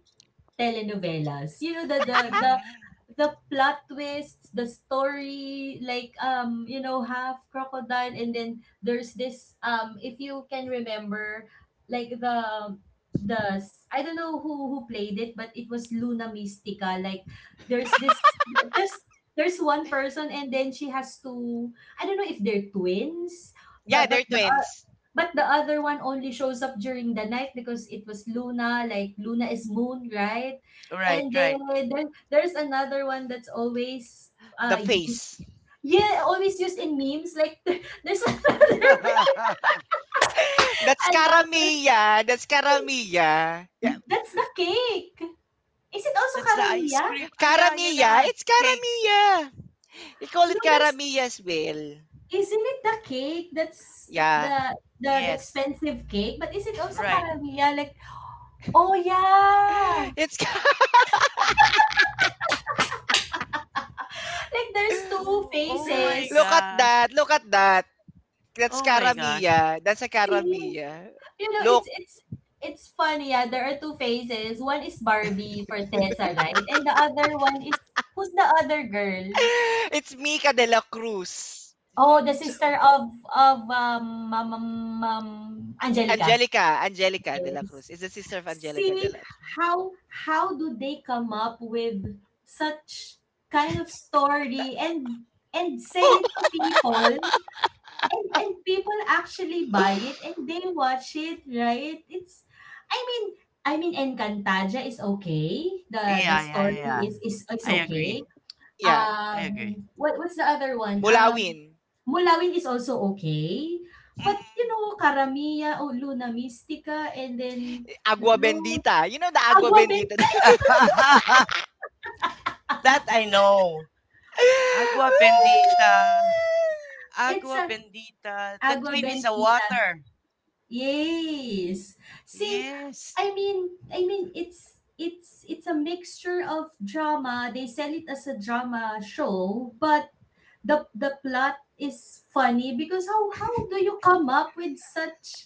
[SPEAKER 2] telenovelas. You know, the the the
[SPEAKER 3] Mhm.
[SPEAKER 2] the plot twists, the story, like, you know, half crocodile, and then there's this, if you can remember, like the I don't know who played it, but it was Luna Mystica. Like there's this there's there's one person, and then she has to— I don't know if they're twins,
[SPEAKER 1] Yeah,
[SPEAKER 2] but but
[SPEAKER 1] they're
[SPEAKER 2] the
[SPEAKER 1] twins.
[SPEAKER 2] But the other one only shows up during the night, because it was Luna, like Luna is moon, right?
[SPEAKER 3] Right,
[SPEAKER 2] And then,
[SPEAKER 3] right.
[SPEAKER 2] there's another one that's always
[SPEAKER 1] The
[SPEAKER 2] used.
[SPEAKER 1] face.
[SPEAKER 2] Yeah, always used in memes. Like, [laughs] there's, [laughs]
[SPEAKER 3] [laughs]
[SPEAKER 1] [laughs] That's
[SPEAKER 2] another—
[SPEAKER 1] Karamia. That's Karamia. Yeah.
[SPEAKER 2] that's the cake. Is it also
[SPEAKER 3] That's the ice
[SPEAKER 2] caramilla?
[SPEAKER 3] cream. Ah, yeah, yeah,
[SPEAKER 1] Karamia.
[SPEAKER 3] yeah.
[SPEAKER 1] It's
[SPEAKER 3] Cake.
[SPEAKER 1] Karamia. They call
[SPEAKER 2] No,
[SPEAKER 1] it
[SPEAKER 2] that's
[SPEAKER 1] Karamia as well.
[SPEAKER 2] isn't it the cake? That's
[SPEAKER 1] Yeah.
[SPEAKER 2] the
[SPEAKER 3] Yes.
[SPEAKER 2] expensive cake, but is it also
[SPEAKER 3] Right.
[SPEAKER 2] caramilla? Like, oh yeah.
[SPEAKER 1] [laughs] It's Ka-
[SPEAKER 2] Like, there's two
[SPEAKER 3] Oh, oh
[SPEAKER 1] [laughs]
[SPEAKER 3] my
[SPEAKER 1] Look
[SPEAKER 2] faces.
[SPEAKER 1] at
[SPEAKER 3] gosh.
[SPEAKER 1] that. Look at that. That's
[SPEAKER 3] Oh my
[SPEAKER 2] Let's
[SPEAKER 3] gosh.
[SPEAKER 1] Karamia. That's a
[SPEAKER 2] see.
[SPEAKER 1] Karamia.
[SPEAKER 2] You know, it's funny, yeah. There are two faces. One is Barbie for Tessa, right? And the other one is— who's the other girl?
[SPEAKER 1] [laughs] It's Mika de la Cruz.
[SPEAKER 2] Oh, the
[SPEAKER 1] So,
[SPEAKER 2] sister of, Ma'am Angelica.
[SPEAKER 1] Angelica de la Cruz
[SPEAKER 2] Yes.
[SPEAKER 1] is the sister of Angelica de
[SPEAKER 2] See,
[SPEAKER 1] la Cruz.
[SPEAKER 2] how how do they come up with such kind of story, and sell it to people? And people actually buy
[SPEAKER 1] [gasps]
[SPEAKER 2] it and they watch it, right? It's I mean I mean, Encantaja is okay. The
[SPEAKER 3] Yeah, yeah, yeah.
[SPEAKER 2] story is
[SPEAKER 3] I
[SPEAKER 2] okay.
[SPEAKER 3] agree.
[SPEAKER 1] Yeah,
[SPEAKER 3] I agree.
[SPEAKER 2] What's the other one?
[SPEAKER 1] Mulawin,
[SPEAKER 2] Mulawin is also okay.
[SPEAKER 3] Mm.
[SPEAKER 2] But, you know, Karamia o Luna Mystica, and then,
[SPEAKER 1] Agua
[SPEAKER 2] Lord
[SPEAKER 1] Bendita. You know the Agua
[SPEAKER 2] Agua
[SPEAKER 1] Bendita.
[SPEAKER 2] Bendita.
[SPEAKER 3] [laughs] that I know. Agua
[SPEAKER 1] [laughs]
[SPEAKER 3] bendita.
[SPEAKER 2] It's
[SPEAKER 3] Agua
[SPEAKER 2] a
[SPEAKER 3] bendita. The
[SPEAKER 2] Agua
[SPEAKER 3] twin is a
[SPEAKER 2] Bendita.
[SPEAKER 3] water.
[SPEAKER 2] Yes. See,
[SPEAKER 3] Yes.
[SPEAKER 2] I mean, it's a mixture of drama. They sell it as a drama show, but the plot is funny, because how do you come up with such,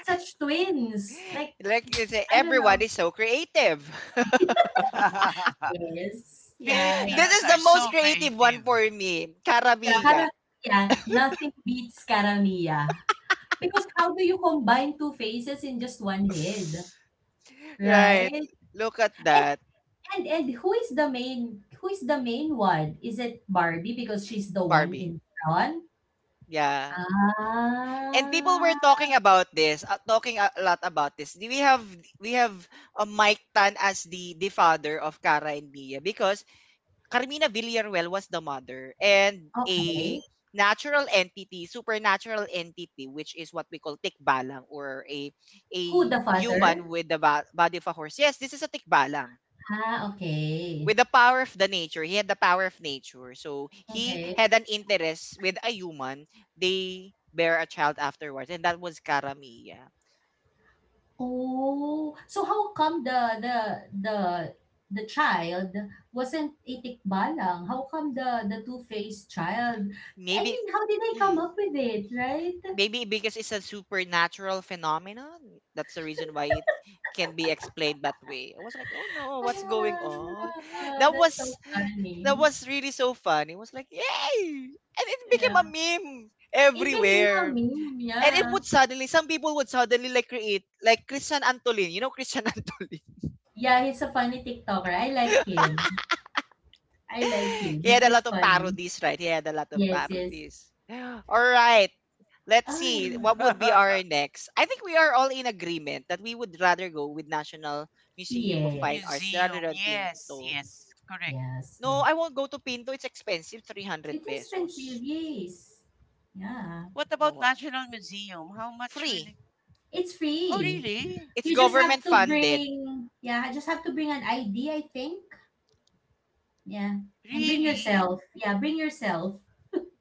[SPEAKER 2] twins? Like,
[SPEAKER 1] Like you say,
[SPEAKER 2] I don't
[SPEAKER 1] everyone
[SPEAKER 2] know.
[SPEAKER 1] is so creative. [laughs]
[SPEAKER 3] [laughs]
[SPEAKER 2] Yes. Yeah, yeah.
[SPEAKER 1] This
[SPEAKER 3] Filipinos
[SPEAKER 1] is
[SPEAKER 3] are
[SPEAKER 1] the most
[SPEAKER 3] so
[SPEAKER 1] creative one
[SPEAKER 3] creative.
[SPEAKER 1] for me.
[SPEAKER 2] Yeah,
[SPEAKER 1] Carabilla.
[SPEAKER 2] kara, yeah, nothing beats Karamia. Because how do you combine two faces in just one head?
[SPEAKER 1] Right.
[SPEAKER 2] Right?
[SPEAKER 1] Look at that.
[SPEAKER 2] And who is the main one? Is it Barbie because she's the one
[SPEAKER 1] Barbie.
[SPEAKER 2] in front?
[SPEAKER 1] Yeah. And people
[SPEAKER 2] Ah,
[SPEAKER 1] were talking about this, talking a lot about this. We have Mike Tan as the father of Cara and Mia because Carmina Villarreal was the mother and a
[SPEAKER 2] okay.
[SPEAKER 1] natural entity, supernatural entity, which is what we call tikbalang or a
[SPEAKER 2] Who the
[SPEAKER 1] human
[SPEAKER 2] father?
[SPEAKER 1] with the body of a horse. Yes, this is a tikbalang
[SPEAKER 2] Ah, okay.
[SPEAKER 1] with the power of the nature. He had the power of nature, so he
[SPEAKER 2] Okay.
[SPEAKER 1] had an interest with a human. They bear a child afterwards, and that was karamiya.
[SPEAKER 2] Oh, so how come the the child wasn't a tikbalang? How come the two-faced child? I
[SPEAKER 1] Maybe.
[SPEAKER 2] mean, how did they
[SPEAKER 1] mm,
[SPEAKER 2] come up with it, right?
[SPEAKER 1] maybe because it's a supernatural phenomenon, that's the reason why it can be explained that way. I was like, oh no, what's going on?
[SPEAKER 2] Ah,
[SPEAKER 1] that
[SPEAKER 2] that's so
[SPEAKER 1] was that
[SPEAKER 2] funny.
[SPEAKER 1] was really so fun. It was like yay, and it became a
[SPEAKER 2] Yeah.
[SPEAKER 1] meme
[SPEAKER 2] It became a
[SPEAKER 1] everywhere.
[SPEAKER 2] meme,
[SPEAKER 1] And it
[SPEAKER 2] yeah.
[SPEAKER 1] would suddenly, some people would suddenly like create, like Christian Antolin. You know Christian [laughs] Antolin?
[SPEAKER 2] Yeah, he's a funny TikToker. I like him. I like him.
[SPEAKER 1] He had
[SPEAKER 2] This
[SPEAKER 1] a
[SPEAKER 2] is
[SPEAKER 1] lot of
[SPEAKER 2] funny.
[SPEAKER 1] parodies, right? He had a lot of
[SPEAKER 2] Yes, yes.
[SPEAKER 1] parodies. All right. Let's see.
[SPEAKER 2] Um,
[SPEAKER 1] What would be our
[SPEAKER 3] [laughs]
[SPEAKER 1] next? I think we are all in agreement that we would rather go with National Museum of Fine Arts
[SPEAKER 2] yes.
[SPEAKER 1] rather
[SPEAKER 3] Museum.
[SPEAKER 1] than
[SPEAKER 3] Yes,
[SPEAKER 1] Pinto.
[SPEAKER 3] yes. Correct.
[SPEAKER 2] Yes.
[SPEAKER 1] No, I won't go to Pinto. It's expensive, 300
[SPEAKER 2] It's expensive,
[SPEAKER 1] pesos.
[SPEAKER 2] yes. Yeah.
[SPEAKER 3] What about
[SPEAKER 1] No,
[SPEAKER 3] National Museum? How much will
[SPEAKER 1] free.
[SPEAKER 3] it?
[SPEAKER 2] It's
[SPEAKER 3] Oh,
[SPEAKER 2] free.
[SPEAKER 3] really?
[SPEAKER 1] It's
[SPEAKER 2] You just have
[SPEAKER 1] government
[SPEAKER 2] to
[SPEAKER 1] funded.
[SPEAKER 2] bring, yeah, I just have to bring an ID, I think. Yeah. And bring
[SPEAKER 3] Really?
[SPEAKER 2] yourself. Yeah, bring yourself.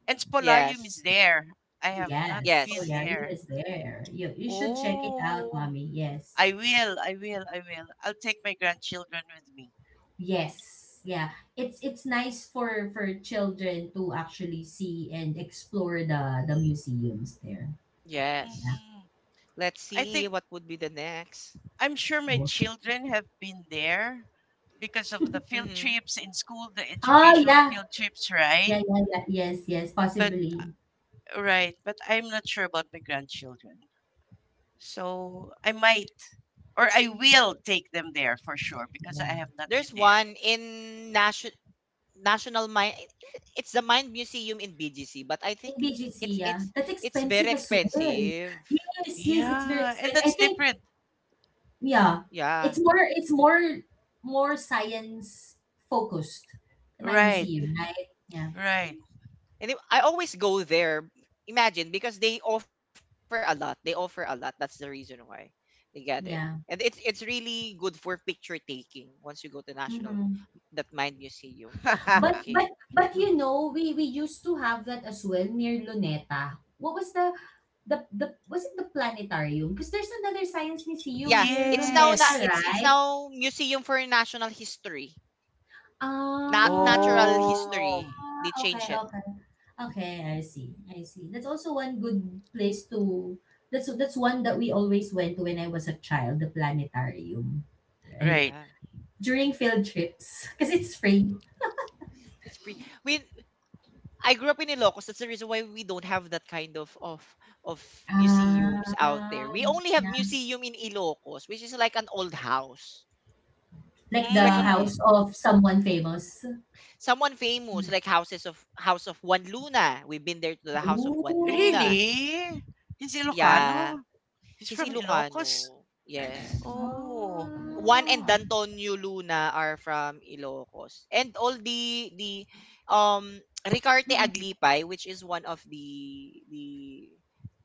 [SPEAKER 3] And Spolarium
[SPEAKER 1] Yes.
[SPEAKER 3] is there. I have not
[SPEAKER 2] Yes,
[SPEAKER 3] been
[SPEAKER 1] Yes.
[SPEAKER 2] Polarium
[SPEAKER 3] there.
[SPEAKER 2] is there. You should check it out,
[SPEAKER 3] Oh,
[SPEAKER 2] mommy. Yes.
[SPEAKER 3] I will, I will, I will. I'll take my grandchildren with me.
[SPEAKER 2] Yes, yeah. It's nice for children to actually see and explore the museums there. Yeah.
[SPEAKER 1] Yes.
[SPEAKER 3] Hmm.
[SPEAKER 1] Let's
[SPEAKER 3] I think,
[SPEAKER 1] see what would be the next.
[SPEAKER 3] I'm sure my
[SPEAKER 2] Bo
[SPEAKER 3] children have been there because of the field
[SPEAKER 1] Mm-hmm.
[SPEAKER 3] trips in school, the
[SPEAKER 2] Oh,
[SPEAKER 3] educational
[SPEAKER 2] yeah.
[SPEAKER 3] field trips, right?
[SPEAKER 2] Yeah, yeah, yeah. Yes, yes,
[SPEAKER 3] But,
[SPEAKER 2] possibly.
[SPEAKER 3] right, but I'm not sure about my grandchildren. So I might, or I will take them there for sure because I
[SPEAKER 2] Yeah.
[SPEAKER 3] have not
[SPEAKER 1] There's
[SPEAKER 3] been there.
[SPEAKER 1] one in National Mine. It's the Mine Museum in BGC, but I
[SPEAKER 2] In
[SPEAKER 1] think
[SPEAKER 2] BGC,
[SPEAKER 1] it's
[SPEAKER 2] yeah.
[SPEAKER 1] it's
[SPEAKER 2] That's
[SPEAKER 1] it's very
[SPEAKER 2] expensive as well.
[SPEAKER 1] expensive.
[SPEAKER 2] Yes, yes, it's very
[SPEAKER 3] Yeah, and
[SPEAKER 2] expensive. I
[SPEAKER 3] that's
[SPEAKER 2] think,
[SPEAKER 3] different.
[SPEAKER 2] yeah,
[SPEAKER 1] Yeah,
[SPEAKER 2] it's more more science focused, my
[SPEAKER 3] Right.
[SPEAKER 2] museum, right? Yeah,
[SPEAKER 3] Right.
[SPEAKER 1] and it- I always go there. Imagine because they offer a lot. They offer a lot. That's the reason why they get it, and
[SPEAKER 2] yeah.
[SPEAKER 1] it's really good for picture taking once you go to National,
[SPEAKER 2] Mm-hmm.
[SPEAKER 1] that Mine Museum.
[SPEAKER 2] But
[SPEAKER 1] Okay.
[SPEAKER 3] [laughs]
[SPEAKER 2] but but you know, we used to have that as well near Luneta. What was the was it the planetarium? Because there's another science museum
[SPEAKER 1] Yeah,
[SPEAKER 2] near
[SPEAKER 1] it's now na
[SPEAKER 2] Luneta,
[SPEAKER 3] yes.
[SPEAKER 1] it's
[SPEAKER 2] right?
[SPEAKER 1] now Museum for National History. Not
[SPEAKER 2] Ah,
[SPEAKER 1] natural
[SPEAKER 3] Oh.
[SPEAKER 1] history. They
[SPEAKER 2] okay,
[SPEAKER 1] change it.
[SPEAKER 2] okay, okay. I see, I see. That's also one good place to. That's one that we always went to when I was a child. The planetarium, right?
[SPEAKER 3] Right.
[SPEAKER 1] Yeah.
[SPEAKER 2] During field trips, [laughs] because it's free.
[SPEAKER 1] It's free. We I grew up in Ilocos. That's the reason why we don't have that kind of of museums out
[SPEAKER 2] Ah.
[SPEAKER 1] there. We only have museum in Ilocos, which is like an old house.
[SPEAKER 2] Like
[SPEAKER 1] It's
[SPEAKER 2] the
[SPEAKER 1] like a
[SPEAKER 3] Mm.
[SPEAKER 2] house of someone famous?
[SPEAKER 1] someone famous,
[SPEAKER 2] Mm.
[SPEAKER 1] like houses of House of Juan Luna. We've been there to the House of Juan Luna.
[SPEAKER 2] Ooh.
[SPEAKER 3] Really? He's
[SPEAKER 2] Oh.
[SPEAKER 1] Yeah.
[SPEAKER 3] Ilocano? He's
[SPEAKER 1] He's
[SPEAKER 3] from Ilocos?
[SPEAKER 1] Ilocano. Yes.
[SPEAKER 3] Oh.
[SPEAKER 1] Juan and
[SPEAKER 2] Ah.
[SPEAKER 1] Antonio Luna are from Ilocos. And all the um Ricarte
[SPEAKER 2] Mm.
[SPEAKER 1] Aglipay, which is one of the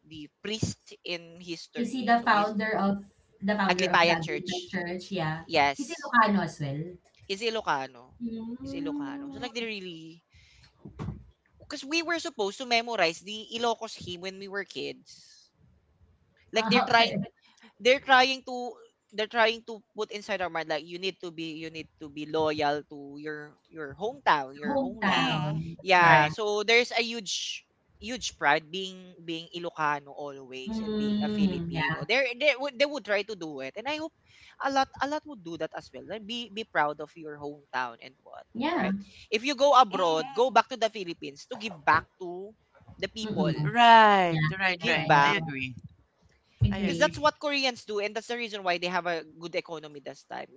[SPEAKER 1] the priest in
[SPEAKER 2] Is he
[SPEAKER 1] history.
[SPEAKER 2] the
[SPEAKER 1] So his
[SPEAKER 2] founder of the
[SPEAKER 1] Aglipayan
[SPEAKER 2] Anglican
[SPEAKER 1] Church.
[SPEAKER 2] Church? Yeah. He's
[SPEAKER 1] Yes.
[SPEAKER 2] Ilocano as well?
[SPEAKER 1] He's Ilocano. He's Ilocano. So
[SPEAKER 2] Mm.
[SPEAKER 1] like they really because we were supposed to memorize the Ilocos hymn when we were kids. Like
[SPEAKER 2] Ah,
[SPEAKER 1] they're
[SPEAKER 2] okay.
[SPEAKER 1] trying they're trying to they're trying to put inside our mind like you need to be you need to be loyal to your hometown, your homeland.
[SPEAKER 3] Mm.
[SPEAKER 2] Hometown.
[SPEAKER 1] Yeah,
[SPEAKER 3] Right.
[SPEAKER 2] Yeah.
[SPEAKER 1] so there's a huge pride being being Ilocano always and being a
[SPEAKER 2] Mm, yeah.
[SPEAKER 1] Filipino. They they would try to do it, and I hope a lot would do that as well. Like be proud of your hometown and what,
[SPEAKER 2] Yeah.
[SPEAKER 1] right? If you go abroad, go
[SPEAKER 3] Mm.
[SPEAKER 1] back to the Philippines to give back to the people.
[SPEAKER 2] Mm-mm.
[SPEAKER 3] Right.
[SPEAKER 2] Yeah.
[SPEAKER 3] Right,
[SPEAKER 2] Yeah,
[SPEAKER 1] Give
[SPEAKER 3] right.
[SPEAKER 2] yeah,
[SPEAKER 1] back,
[SPEAKER 3] I
[SPEAKER 2] yeah,
[SPEAKER 3] agree.
[SPEAKER 2] yeah.
[SPEAKER 3] I
[SPEAKER 1] because
[SPEAKER 2] Agree.
[SPEAKER 1] that's
[SPEAKER 3] agree.
[SPEAKER 1] what Koreans do, and that's the reason why they have a good economy this time.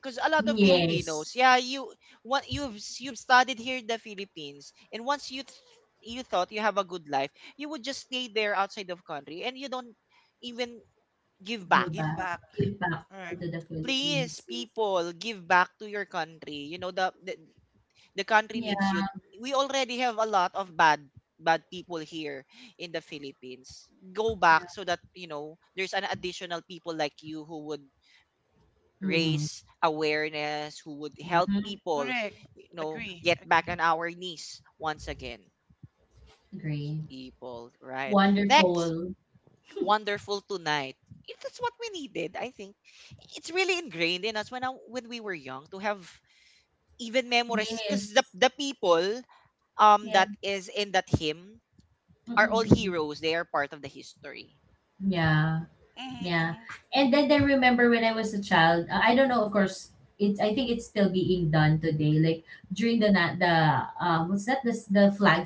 [SPEAKER 1] Because a lot of
[SPEAKER 3] Mm.
[SPEAKER 1] Filipinos,
[SPEAKER 2] Yes.
[SPEAKER 1] yeah, you what you've studied here in the Philippines, and once you you thought you have a good life, you would just stay there outside of country, and you don't even give
[SPEAKER 2] Go
[SPEAKER 1] back.
[SPEAKER 3] Give
[SPEAKER 2] back.
[SPEAKER 3] back.
[SPEAKER 2] Give back to
[SPEAKER 3] Right.
[SPEAKER 2] the
[SPEAKER 1] Please,
[SPEAKER 2] Philippines. Yes.
[SPEAKER 1] people, give back to your country. You know the the country needs you.
[SPEAKER 2] Yeah.
[SPEAKER 1] We already have a lot of bad people here in the Philippines. Go
[SPEAKER 2] Yeah.
[SPEAKER 1] back so that, you know, there's an additional people like you who would
[SPEAKER 2] Mm-hmm.
[SPEAKER 1] raise awareness, who would help
[SPEAKER 2] Mm-hmm.
[SPEAKER 1] people,
[SPEAKER 3] Correct.
[SPEAKER 1] you know,
[SPEAKER 3] Agree.
[SPEAKER 1] get back on
[SPEAKER 3] Agree.
[SPEAKER 1] our knees once again.
[SPEAKER 2] Agree.
[SPEAKER 1] People, right? Next,
[SPEAKER 2] Wonderful.
[SPEAKER 1] wonderful tonight. If that's what we needed, I think it's really ingrained in us when when we were young to have even memories
[SPEAKER 2] Yes.
[SPEAKER 1] because the people
[SPEAKER 2] Yeah.
[SPEAKER 1] that is in that hymn
[SPEAKER 2] Mm,
[SPEAKER 1] are all
[SPEAKER 2] mm.
[SPEAKER 1] heroes. They are part of the history.
[SPEAKER 2] Yeah,
[SPEAKER 3] Mm,
[SPEAKER 2] yeah.
[SPEAKER 3] mm.
[SPEAKER 2] And then I remember when I was a child, I don't know, of course, it's I think it's still being done today. Like during the na the what's that? This The flag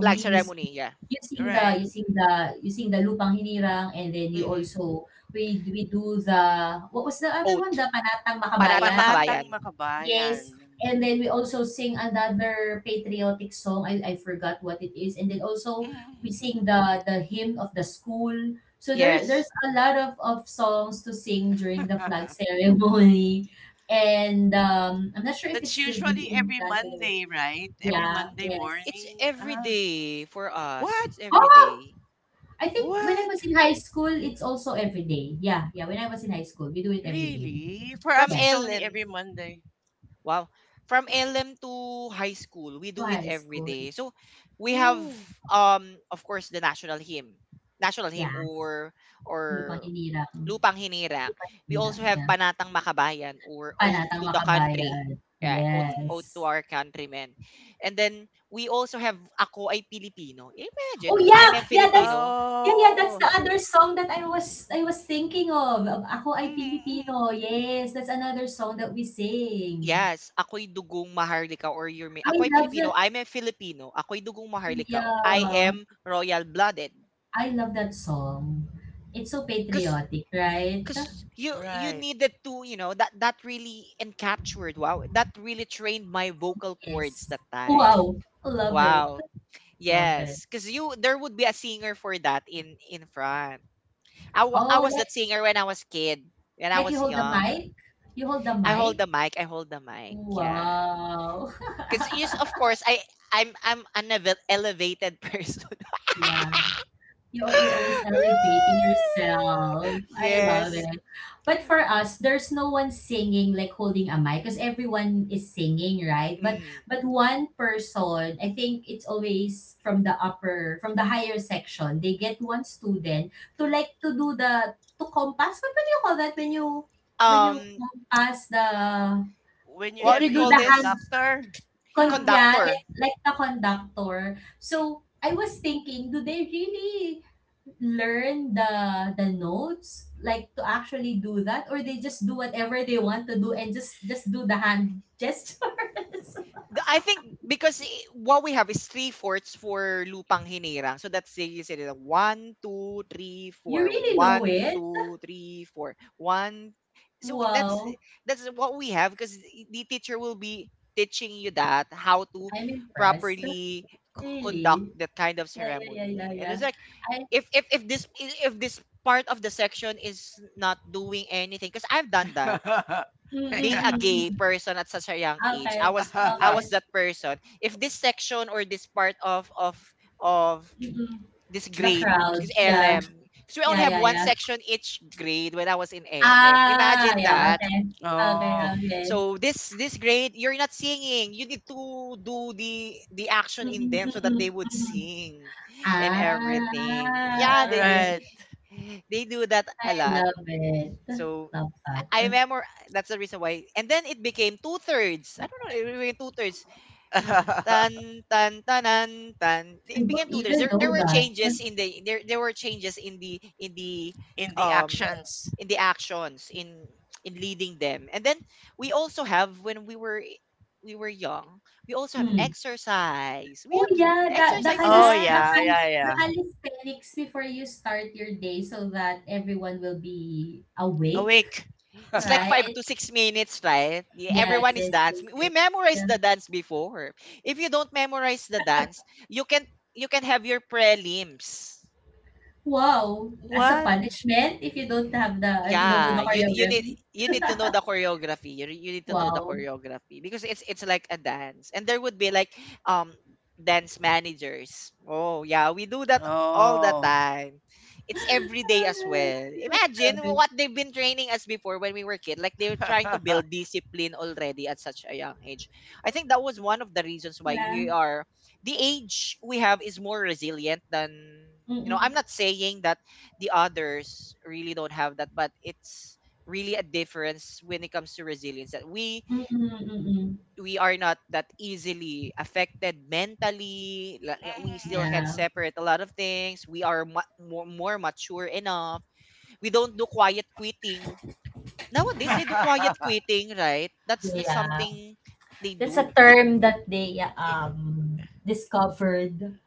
[SPEAKER 1] Flag
[SPEAKER 2] You sing,
[SPEAKER 1] ceremony, yeah.
[SPEAKER 2] you sing the
[SPEAKER 3] Right.
[SPEAKER 2] you sing the you sing the Lupang Hinirang, and then you
[SPEAKER 1] Hmm.
[SPEAKER 2] also we do the, what was the other
[SPEAKER 1] Oath.
[SPEAKER 2] one? The Panatang
[SPEAKER 1] Panatang
[SPEAKER 2] Makabayan.
[SPEAKER 3] Panatang
[SPEAKER 1] Makabayan.
[SPEAKER 3] makabayan.
[SPEAKER 2] Yes, and then we also sing another patriotic song. I forgot what it is. And then also
[SPEAKER 3] Mm.
[SPEAKER 2] we sing the hymn of the school. So there's
[SPEAKER 1] Yes.
[SPEAKER 2] a lot of songs to sing during the flag
[SPEAKER 3] [laughs]
[SPEAKER 2] ceremony. [laughs] And I'm not sure if it's
[SPEAKER 3] That's
[SPEAKER 2] still
[SPEAKER 3] usually
[SPEAKER 2] being
[SPEAKER 3] every
[SPEAKER 2] done today.
[SPEAKER 3] Monday, right? Every
[SPEAKER 2] Yeah,
[SPEAKER 3] Monday
[SPEAKER 2] yes.
[SPEAKER 1] It's
[SPEAKER 3] morning.
[SPEAKER 1] every
[SPEAKER 3] Ah,
[SPEAKER 1] day for us.
[SPEAKER 3] what?
[SPEAKER 1] It's every
[SPEAKER 2] Oh,
[SPEAKER 1] day.
[SPEAKER 2] I think when I
[SPEAKER 3] What?
[SPEAKER 2] was in high school, it's also every day. Yeah, yeah. When I was in high school, we do it every day.
[SPEAKER 3] Really? For
[SPEAKER 1] From
[SPEAKER 3] us, it's
[SPEAKER 2] Yes,
[SPEAKER 3] only every
[SPEAKER 1] LM.
[SPEAKER 3] Monday.
[SPEAKER 1] Wow. From LM to high school, we
[SPEAKER 2] to
[SPEAKER 1] do it
[SPEAKER 2] high
[SPEAKER 1] every
[SPEAKER 2] school.
[SPEAKER 1] day. So we have
[SPEAKER 3] Ooh.
[SPEAKER 1] of course the national hymn. National hymn
[SPEAKER 2] Yes.
[SPEAKER 1] or
[SPEAKER 2] Lupang Hinirang.
[SPEAKER 1] Lupang Hinirang. We also
[SPEAKER 2] Hinirang,
[SPEAKER 1] have
[SPEAKER 2] yeah.
[SPEAKER 1] Panatang Makabayan or Oath
[SPEAKER 2] Panatang
[SPEAKER 1] to the Country.
[SPEAKER 2] Makabayan,
[SPEAKER 1] Yeah, oath
[SPEAKER 3] Mm.
[SPEAKER 1] to
[SPEAKER 2] yes.
[SPEAKER 1] our countrymen. And then we also have Ako ay Pilipino.
[SPEAKER 2] Oh,
[SPEAKER 1] Imagine, I'm a Filipino.
[SPEAKER 2] yeah, yeah, that's
[SPEAKER 3] Oh.
[SPEAKER 2] the other song that I was thinking of. Ako Ay
[SPEAKER 3] Mm-hmm. Mm-hmm.
[SPEAKER 2] Pilipino, yes, that's another song that we sing.
[SPEAKER 1] Yes, ako'y dugong maharlika or you're me.
[SPEAKER 2] I
[SPEAKER 1] Ako'y
[SPEAKER 2] love that,
[SPEAKER 1] Pilipino. I'm a Filipino. Ako'y dugong maharlika. I
[SPEAKER 2] yeah,
[SPEAKER 1] am royal-blooded.
[SPEAKER 2] I love that song. It's so
[SPEAKER 1] Cause,
[SPEAKER 2] patriotic, right?
[SPEAKER 1] cause you you
[SPEAKER 3] Right.
[SPEAKER 1] needed to, you know, that that really encaptured. Wow, that really trained my vocal cords
[SPEAKER 2] Yes.
[SPEAKER 1] that time.
[SPEAKER 2] Wow, love it,
[SPEAKER 1] Wow.
[SPEAKER 2] love it.
[SPEAKER 1] Yes, because you there would be a singer for that in front. I
[SPEAKER 2] Oh,
[SPEAKER 1] was that singer when I was kid, when I
[SPEAKER 2] like you
[SPEAKER 1] was
[SPEAKER 2] hold the
[SPEAKER 1] young.
[SPEAKER 2] mic? You hold the
[SPEAKER 1] I hold
[SPEAKER 2] mic?
[SPEAKER 1] the mic. I hold the mic. Yeah,
[SPEAKER 2] Wow. [laughs]
[SPEAKER 1] because yes, of course I'm I'm an elevated person.
[SPEAKER 2] Yeah. You're always elevating yourself.
[SPEAKER 1] [laughs]
[SPEAKER 2] I love
[SPEAKER 1] yes.
[SPEAKER 2] it. But for us, there's no one singing like holding a mic because everyone is singing, right? But
[SPEAKER 1] Mm.
[SPEAKER 2] but one person, I think it's always from the upper, from the higher section. They get one student to, like, to do the, to compass. What do you call that when you
[SPEAKER 1] Um,
[SPEAKER 2] compass the,
[SPEAKER 3] When you
[SPEAKER 1] what
[SPEAKER 2] like
[SPEAKER 1] do
[SPEAKER 3] have
[SPEAKER 1] you
[SPEAKER 2] you do
[SPEAKER 3] a
[SPEAKER 1] call
[SPEAKER 2] the
[SPEAKER 1] this?
[SPEAKER 2] hand,
[SPEAKER 3] conductor.
[SPEAKER 2] con
[SPEAKER 3] Ah.
[SPEAKER 2] yeah,
[SPEAKER 1] Conductor.
[SPEAKER 2] like the conductor. So I was thinking, do they really learn the notes like to actually do that, or they just do whatever they want to do and just do the hand [laughs] gestures?
[SPEAKER 1] I think because what we have is three fourths for lupang hinirang. So that's the you said it, one, two, three,
[SPEAKER 2] You
[SPEAKER 1] four,
[SPEAKER 2] really know
[SPEAKER 1] one,
[SPEAKER 2] it.
[SPEAKER 1] two, three, four, one. So that's
[SPEAKER 2] Wow.
[SPEAKER 1] that's what we have because the teacher will be teaching you that how to
[SPEAKER 2] I'm impressed.
[SPEAKER 1] properly conduct
[SPEAKER 2] Really?
[SPEAKER 1] that kind of
[SPEAKER 2] Yeah, yeah, yeah, yeah,
[SPEAKER 1] ceremony. And
[SPEAKER 2] yeah.
[SPEAKER 1] it's like
[SPEAKER 2] I.
[SPEAKER 1] if this if this part of the section is not doing anything, because I've done that
[SPEAKER 2] Mm, mm,
[SPEAKER 1] being a
[SPEAKER 2] mm,
[SPEAKER 3] [laughs]
[SPEAKER 2] mm,
[SPEAKER 1] gay
[SPEAKER 2] mm.
[SPEAKER 1] person at such a young age.
[SPEAKER 2] Okay,
[SPEAKER 1] I was I
[SPEAKER 2] okay.
[SPEAKER 1] was that person. If this section or this part of of
[SPEAKER 2] Mm-mm.
[SPEAKER 1] this
[SPEAKER 2] The
[SPEAKER 1] grade,
[SPEAKER 2] crowd,
[SPEAKER 1] because
[SPEAKER 2] yeah.
[SPEAKER 1] LM because we only
[SPEAKER 2] Yeah,
[SPEAKER 1] have
[SPEAKER 2] yeah,
[SPEAKER 1] one
[SPEAKER 2] yeah.
[SPEAKER 1] section each grade when I was in LM,
[SPEAKER 2] Ah,
[SPEAKER 1] imagine
[SPEAKER 2] yeah,
[SPEAKER 1] that.
[SPEAKER 2] okay. Okay,
[SPEAKER 3] oh.
[SPEAKER 2] okay.
[SPEAKER 1] So this grade you're not singing, you need to do the action in
[SPEAKER 2] Mm-mm,
[SPEAKER 1] them so that
[SPEAKER 2] mm-mm,
[SPEAKER 1] they would
[SPEAKER 2] mm-mm.
[SPEAKER 1] sing and everything.
[SPEAKER 2] Ah,
[SPEAKER 1] Yeah,
[SPEAKER 2] okay.
[SPEAKER 3] Right.
[SPEAKER 1] they do that
[SPEAKER 2] I
[SPEAKER 1] a lot.
[SPEAKER 2] love it.
[SPEAKER 1] So I
[SPEAKER 2] Love that.
[SPEAKER 1] I remember. That's the reason why. And then it became two thirds. I don't know. It became two thirds.
[SPEAKER 3] [laughs]
[SPEAKER 1] Tan tan tanan tan.
[SPEAKER 2] I
[SPEAKER 1] It
[SPEAKER 2] don't
[SPEAKER 1] became two thirds.
[SPEAKER 2] even
[SPEAKER 1] There
[SPEAKER 2] know
[SPEAKER 1] were
[SPEAKER 2] that.
[SPEAKER 1] changes in the there were changes in the in the
[SPEAKER 3] In the
[SPEAKER 1] um
[SPEAKER 3] actions.
[SPEAKER 1] in the actions in leading them. And then we also have when we were young. We also have
[SPEAKER 2] Hmm.
[SPEAKER 1] exercise. We
[SPEAKER 2] Oh
[SPEAKER 1] have
[SPEAKER 2] yeah, that
[SPEAKER 1] exercise
[SPEAKER 3] Oh yeah,
[SPEAKER 1] dance.
[SPEAKER 3] yeah,
[SPEAKER 2] the
[SPEAKER 3] yeah.
[SPEAKER 2] calisthenics before you start your day so that everyone will be awake,
[SPEAKER 3] Awake.
[SPEAKER 1] It's like five
[SPEAKER 2] right?
[SPEAKER 1] to six minutes, right?
[SPEAKER 2] Yes,
[SPEAKER 1] Everyone is
[SPEAKER 2] yes,
[SPEAKER 1] dance.
[SPEAKER 2] yes,
[SPEAKER 1] We
[SPEAKER 2] yes.
[SPEAKER 1] memorize
[SPEAKER 2] Yeah.
[SPEAKER 1] the dance before. If you don't memorize the dance, you can have your prelims.
[SPEAKER 2] Wow, as a
[SPEAKER 3] What?
[SPEAKER 2] punishment if you don't have the if you don't know
[SPEAKER 1] Yeah,
[SPEAKER 2] the
[SPEAKER 1] you need
[SPEAKER 2] choreography.
[SPEAKER 1] you need to know the choreography. You need to know the
[SPEAKER 2] Wow.
[SPEAKER 1] choreography because it's like a dance, and there would be like um dance managers. Oh yeah, we do that all the
[SPEAKER 3] Oh.
[SPEAKER 1] time. It's every day as
[SPEAKER 2] [laughs]
[SPEAKER 1] well.
[SPEAKER 2] I
[SPEAKER 1] Imagine
[SPEAKER 2] love it.
[SPEAKER 1] what they've been training us before when we were kid. Like they were trying to build
[SPEAKER 3] [laughs]
[SPEAKER 1] discipline already at such a young age. I think that was one of the reasons why we
[SPEAKER 2] Yeah.
[SPEAKER 1] are the age we have is more resilient than you know.
[SPEAKER 2] Mm-mm.
[SPEAKER 1] I'm not saying that the others really don't have that, but it's really a difference when it comes to resilience that
[SPEAKER 2] Mm-mm. Mm-mm.
[SPEAKER 1] we are not that easily affected mentally, we still can
[SPEAKER 3] Mhm.
[SPEAKER 2] Yeah.
[SPEAKER 1] separate a lot of things. We are more, more mature enough. We don't do quiet quitting.
[SPEAKER 3] [laughs]
[SPEAKER 1] Nowadays they do
[SPEAKER 3] I-
[SPEAKER 1] quiet quitting, right? That's the
[SPEAKER 2] Yeah.
[SPEAKER 1] something they
[SPEAKER 2] That's a
[SPEAKER 1] do.
[SPEAKER 2] term that they discovered.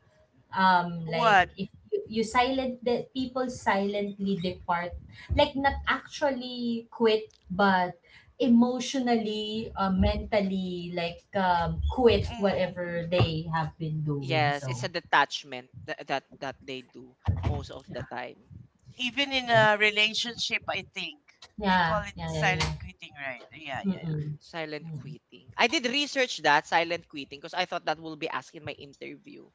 [SPEAKER 2] Like
[SPEAKER 3] what?
[SPEAKER 2] if you, silent, the people silently depart, like not actually quit, but emotionally, mentally, like quit
[SPEAKER 3] Mhm.
[SPEAKER 2] whatever they have been doing.
[SPEAKER 1] Yes, it's a
[SPEAKER 2] So
[SPEAKER 1] detachment that that they do most of the time.
[SPEAKER 3] Even in a
[SPEAKER 2] yes,
[SPEAKER 3] relationship, I think you
[SPEAKER 2] yeah,
[SPEAKER 3] call it
[SPEAKER 2] yeah, yeah, yeah.
[SPEAKER 3] silent quitting, right? Yeah, yeah,
[SPEAKER 2] Mm-mm.
[SPEAKER 1] Silent
[SPEAKER 2] Mm.
[SPEAKER 1] quitting. I did research that, silent quitting, because I thought that will be asked in my interview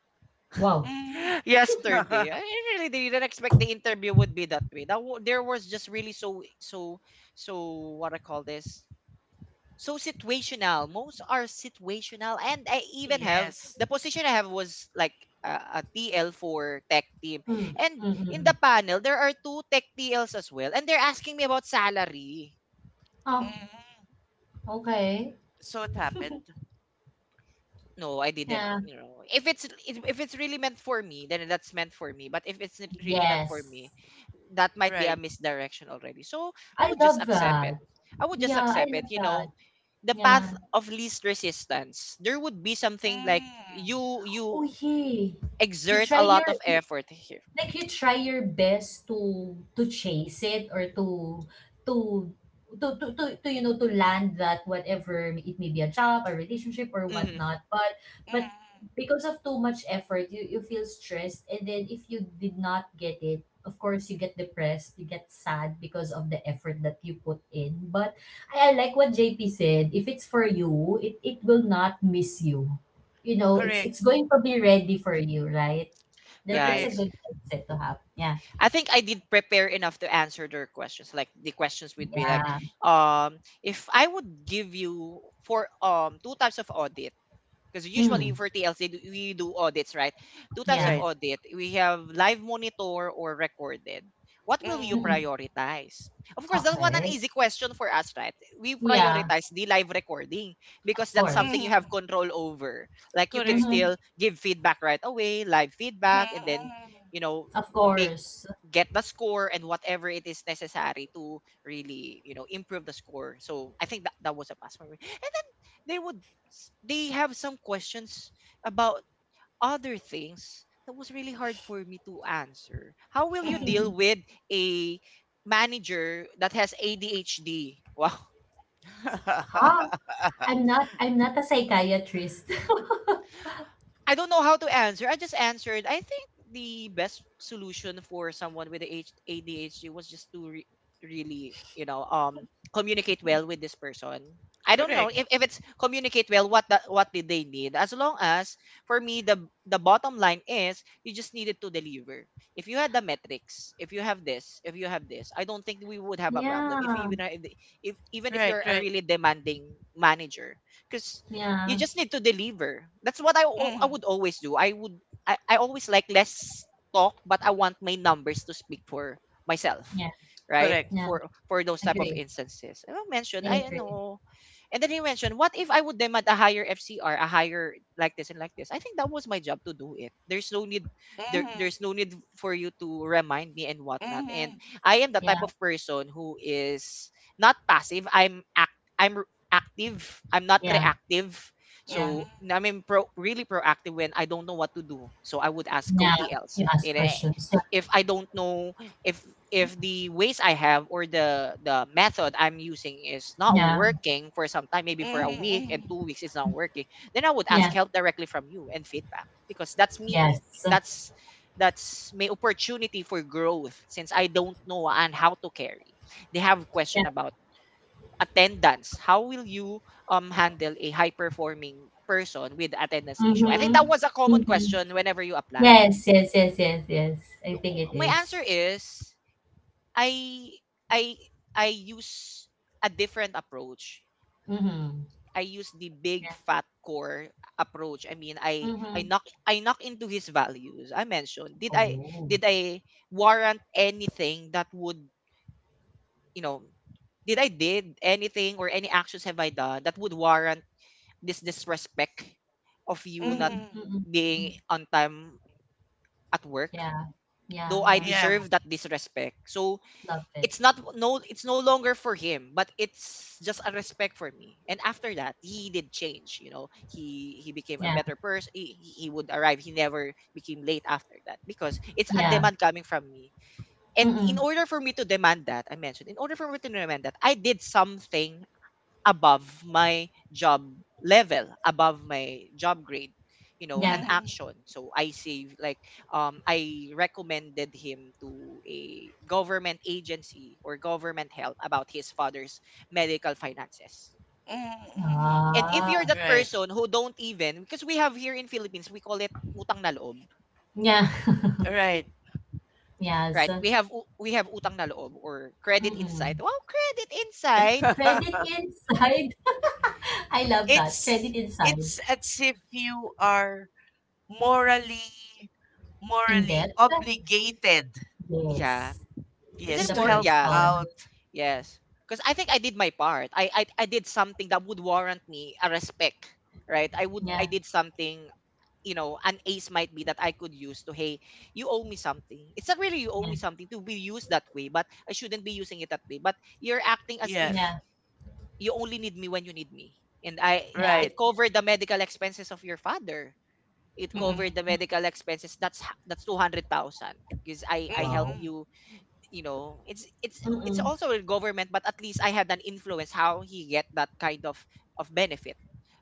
[SPEAKER 2] Wow.
[SPEAKER 3] yeah.
[SPEAKER 1] [gasps]
[SPEAKER 3] Mhm.
[SPEAKER 1] yesterday.
[SPEAKER 3] [laughs]
[SPEAKER 1] I really didn't expect the interview would be that way. There was just really so so so what I call this so situational. Most are situational, and I even have
[SPEAKER 3] yes.
[SPEAKER 1] the position I have was like a TL for tech team,
[SPEAKER 2] Mm,
[SPEAKER 1] and
[SPEAKER 2] mm, mm,
[SPEAKER 1] in the
[SPEAKER 2] mm.
[SPEAKER 1] panel there are two tech TLs as well, and they're asking me about salary.
[SPEAKER 2] Oh,
[SPEAKER 3] Mhm.
[SPEAKER 2] okay.
[SPEAKER 3] So it happened,
[SPEAKER 1] No, I didn't,
[SPEAKER 2] Yeah.
[SPEAKER 1] you know. If it's really meant for me, then that's meant for me. But if it's really not for
[SPEAKER 2] Yes.
[SPEAKER 1] me, that might be a
[SPEAKER 3] right?
[SPEAKER 1] misdirection already. So, I
[SPEAKER 2] I
[SPEAKER 1] would just
[SPEAKER 2] love
[SPEAKER 1] accept it.
[SPEAKER 2] that.
[SPEAKER 1] I would just
[SPEAKER 2] Yeah, I
[SPEAKER 1] accept it,
[SPEAKER 2] love
[SPEAKER 1] you
[SPEAKER 2] that.
[SPEAKER 1] know. The
[SPEAKER 2] Yeah.
[SPEAKER 1] path of least resistance. There would be something like
[SPEAKER 3] Mhm.
[SPEAKER 1] you
[SPEAKER 2] Oh,
[SPEAKER 1] you
[SPEAKER 2] yeah. You
[SPEAKER 1] exert a
[SPEAKER 2] try
[SPEAKER 1] lot
[SPEAKER 2] your
[SPEAKER 1] of
[SPEAKER 2] you
[SPEAKER 1] effort here.
[SPEAKER 2] Like you try your best to chase it or to to, you know, to land that, whatever it may be, a job, a relationship or
[SPEAKER 1] Hmm.
[SPEAKER 2] whatnot. But but
[SPEAKER 3] Mhm.
[SPEAKER 2] because of too much effort, you feel stressed, and then if you did not get it, of course you get depressed, you get sad because of the effort that you put in. But I like what JP said, if it's for you, it will not miss you. You know, it's
[SPEAKER 3] Correct.
[SPEAKER 2] going to be ready for you, right? That
[SPEAKER 1] Yeah,
[SPEAKER 2] that's a
[SPEAKER 3] Correct.
[SPEAKER 1] it's
[SPEAKER 2] good mindset to have. Yeah,
[SPEAKER 1] I think I did prepare enough to answer their questions. Like the questions would be like,
[SPEAKER 2] yeah.
[SPEAKER 1] if I would give you for two types of audit, because usually
[SPEAKER 2] Mm,
[SPEAKER 1] for TLC we do audits, right? Two types of
[SPEAKER 2] yeah.
[SPEAKER 3] Right.
[SPEAKER 1] audit. We have live monitor or recorded. What will you
[SPEAKER 3] Mhm.
[SPEAKER 2] Mm-mm.
[SPEAKER 1] prioritize? Of course, that's one an
[SPEAKER 2] Okay.
[SPEAKER 1] easy question for us, right? We
[SPEAKER 2] Yeah,
[SPEAKER 1] prioritize the live recording because
[SPEAKER 2] of
[SPEAKER 1] that's something you
[SPEAKER 2] course.
[SPEAKER 3] Mhm.
[SPEAKER 1] have control over. Like you could
[SPEAKER 3] Correct.
[SPEAKER 2] Mm-hmm.
[SPEAKER 1] still give feedback right away, live feedback, and then
[SPEAKER 3] Mhm.
[SPEAKER 1] you know
[SPEAKER 2] Of
[SPEAKER 1] make
[SPEAKER 2] course.
[SPEAKER 1] get the score and whatever it is necessary to really you know improve the score. So I think that that was a pass for me. And then they would they have some questions about other things that was really hard for me to answer. How will you
[SPEAKER 3] Mhm.
[SPEAKER 1] deal with a manager that has ADHD? [laughs] Wow.
[SPEAKER 2] Huh?
[SPEAKER 3] [laughs]
[SPEAKER 2] I'm not a psychiatrist. [laughs]
[SPEAKER 1] I don't know how to answer. I just answered. I think the best solution for someone with ADHD was just to really, communicate well with this person. I don't know
[SPEAKER 3] Correct.
[SPEAKER 1] if it's communicate well. What did they need? As long as for me, the bottom line is you just needed to deliver. If you had the metrics, if you have this, if you have this, I don't think we would have a problem. If you
[SPEAKER 2] Yeah,
[SPEAKER 1] even if
[SPEAKER 3] Right.
[SPEAKER 1] you're a
[SPEAKER 3] Right.
[SPEAKER 1] really demanding manager, because you
[SPEAKER 2] yeah,
[SPEAKER 1] just need to deliver. That's what I
[SPEAKER 3] Mhm.
[SPEAKER 1] would always do. I would I always like less talk, but I want my numbers to speak for myself,
[SPEAKER 2] yeah,
[SPEAKER 1] right?
[SPEAKER 3] Correct.
[SPEAKER 2] yeah.
[SPEAKER 1] For those type of
[SPEAKER 2] Agree.
[SPEAKER 1] instances. I mentioned
[SPEAKER 2] I
[SPEAKER 1] I
[SPEAKER 2] agree.
[SPEAKER 1] know, and then he mentioned, what if I would demand a higher FCR, a higher like this and like this? I think that was my job to do it. There's no need there
[SPEAKER 3] Mhm.
[SPEAKER 1] there's no need for you to remind me and whatnot. And
[SPEAKER 3] Mhm.
[SPEAKER 1] I am the type
[SPEAKER 2] Yeah,
[SPEAKER 1] of person who is not passive. I'm active. I'm not
[SPEAKER 2] yeah,
[SPEAKER 1] reactive.
[SPEAKER 2] yeah,
[SPEAKER 1] So
[SPEAKER 3] Mm-hmm.
[SPEAKER 1] I mean, really proactive when I don't know what to do. So I would ask
[SPEAKER 2] yeah.
[SPEAKER 1] co-TLs.
[SPEAKER 2] You ask
[SPEAKER 1] And
[SPEAKER 2] questions. Yeah,
[SPEAKER 1] if I don't know if if the ways I have or the method I'm using is not
[SPEAKER 2] yeah,
[SPEAKER 1] working for some time, maybe for a week and
[SPEAKER 3] Mm-hmm.
[SPEAKER 1] 2 weeks, it's not working. Then I would ask
[SPEAKER 2] yeah.
[SPEAKER 1] help directly from you and feedback because that's me.
[SPEAKER 2] Yes.
[SPEAKER 1] That's that's my opportunity for growth since I don't know and how to carry. They have
[SPEAKER 2] Yeah.
[SPEAKER 1] question about attendance. How will you handle a high performing person with attendance issue? I think
[SPEAKER 2] Mm-hmm.
[SPEAKER 1] that was a common
[SPEAKER 2] Mm-hmm.
[SPEAKER 1] question whenever you apply.
[SPEAKER 2] Yes, yes, yes, yes, yes. I think it
[SPEAKER 1] My
[SPEAKER 2] is.
[SPEAKER 1] answer is I I I use a different approach.
[SPEAKER 2] Mm-hmm.
[SPEAKER 1] I use the big
[SPEAKER 2] Yeah.
[SPEAKER 1] fat core approach. I mean,
[SPEAKER 2] Mm-hmm.
[SPEAKER 1] I knock into his values. I mentioned did I
[SPEAKER 2] Oh.
[SPEAKER 1] did I warrant anything that would you know did I did anything or any actions have I done that would warrant this disrespect of
[SPEAKER 2] Mm,
[SPEAKER 1] you not
[SPEAKER 3] Mm-hmm.
[SPEAKER 2] mm,
[SPEAKER 1] being
[SPEAKER 2] mm.
[SPEAKER 1] on time at work,
[SPEAKER 2] Yeah.
[SPEAKER 1] though
[SPEAKER 2] Yeah,
[SPEAKER 1] I
[SPEAKER 2] yeah.
[SPEAKER 3] Yeah.
[SPEAKER 1] deserve that disrespect. So
[SPEAKER 2] Love it.
[SPEAKER 1] it's not, no, it's no longer for him, but it's just a respect for me. And after that he did change, you know, he became a
[SPEAKER 2] Yeah.
[SPEAKER 1] better person. He would arrive. He never became late after that because it's a
[SPEAKER 2] Yeah.
[SPEAKER 1] demand coming from me. And in
[SPEAKER 2] Mm.
[SPEAKER 1] order for me to demand that, I mentioned, in order for me to demand that, I did something above my job level, above my job grade, you know,
[SPEAKER 2] Yeah.
[SPEAKER 1] an
[SPEAKER 3] Mm-hmm.
[SPEAKER 1] action. So I save like I recommended him to a government agency or government help about his father's medical finances.
[SPEAKER 3] Mm-hmm.
[SPEAKER 1] And if
[SPEAKER 2] Ah.
[SPEAKER 1] you're that
[SPEAKER 3] Right.
[SPEAKER 1] person who don't even, because we have here in Philippines, we call it utang na loob,
[SPEAKER 2] Yeah. [laughs]
[SPEAKER 3] Right.
[SPEAKER 2] Yes.
[SPEAKER 1] right? We have we have utang na loob or credit inside.
[SPEAKER 2] Mm.
[SPEAKER 1] Well, credit
[SPEAKER 2] Credit
[SPEAKER 1] inside.
[SPEAKER 3] [laughs]
[SPEAKER 2] inside. [laughs] I love that. Credit
[SPEAKER 3] it's
[SPEAKER 2] inside.
[SPEAKER 3] it's as if you are morally
[SPEAKER 2] In debt?
[SPEAKER 3] morally obligated.
[SPEAKER 2] Yes.
[SPEAKER 1] Yeah. It's
[SPEAKER 2] To
[SPEAKER 3] Yes,
[SPEAKER 1] in
[SPEAKER 2] the
[SPEAKER 3] to
[SPEAKER 1] more,
[SPEAKER 3] help
[SPEAKER 1] yeah.
[SPEAKER 2] person.
[SPEAKER 3] out.
[SPEAKER 1] Yes. Because I think I did my part. I did something that would warrant me a respect, right? I would I
[SPEAKER 2] Yeah.
[SPEAKER 1] did something, you know, an ace might be that I could use to, hey, you owe me something. It's not really you owe
[SPEAKER 2] Yeah.
[SPEAKER 1] me something to be used that way, but I shouldn't be using it that way. But you're acting as
[SPEAKER 3] Yeah.
[SPEAKER 1] if
[SPEAKER 2] Yeah.
[SPEAKER 1] you only need me when you need me. And I
[SPEAKER 2] Yeah.
[SPEAKER 3] Right.
[SPEAKER 1] it covered the medical expenses of your father. It
[SPEAKER 2] Mm.
[SPEAKER 1] covered the
[SPEAKER 3] Mm-hmm.
[SPEAKER 1] medical expenses. That's 200,000, because I help
[SPEAKER 2] Wow.
[SPEAKER 3] Mm-hmm.
[SPEAKER 1] you, you know, it's it's
[SPEAKER 2] Mm.
[SPEAKER 1] also a government, but at least I had an influence how he get that kind of benefit.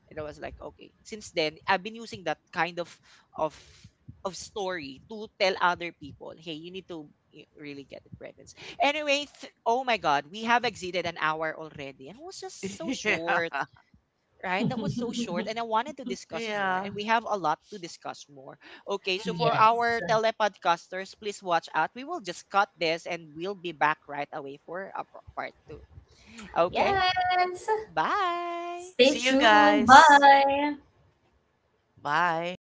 [SPEAKER 1] And I was like, okay, since then I've been using that kind of of of story to tell other people, hey, you need to really get the presents anyway. Oh my god, we have exceeded an hour already, and it was just
[SPEAKER 3] [laughs]
[SPEAKER 1] so
[SPEAKER 3] yeah.
[SPEAKER 1] short, right? That was so short, and
[SPEAKER 2] [laughs]
[SPEAKER 1] I wanted to discuss more,
[SPEAKER 3] Yeah.
[SPEAKER 1] and we have a lot to discuss more. Okay, so for
[SPEAKER 3] Mm.
[SPEAKER 2] Yes.
[SPEAKER 1] our telepodcasters, please watch out. We will just cut this, and we'll be back right away for a part two. Okay,
[SPEAKER 2] Yes.
[SPEAKER 1] bye.
[SPEAKER 2] Stay
[SPEAKER 3] See you
[SPEAKER 2] tuned.
[SPEAKER 3] guys.
[SPEAKER 2] Bye.
[SPEAKER 3] Bye.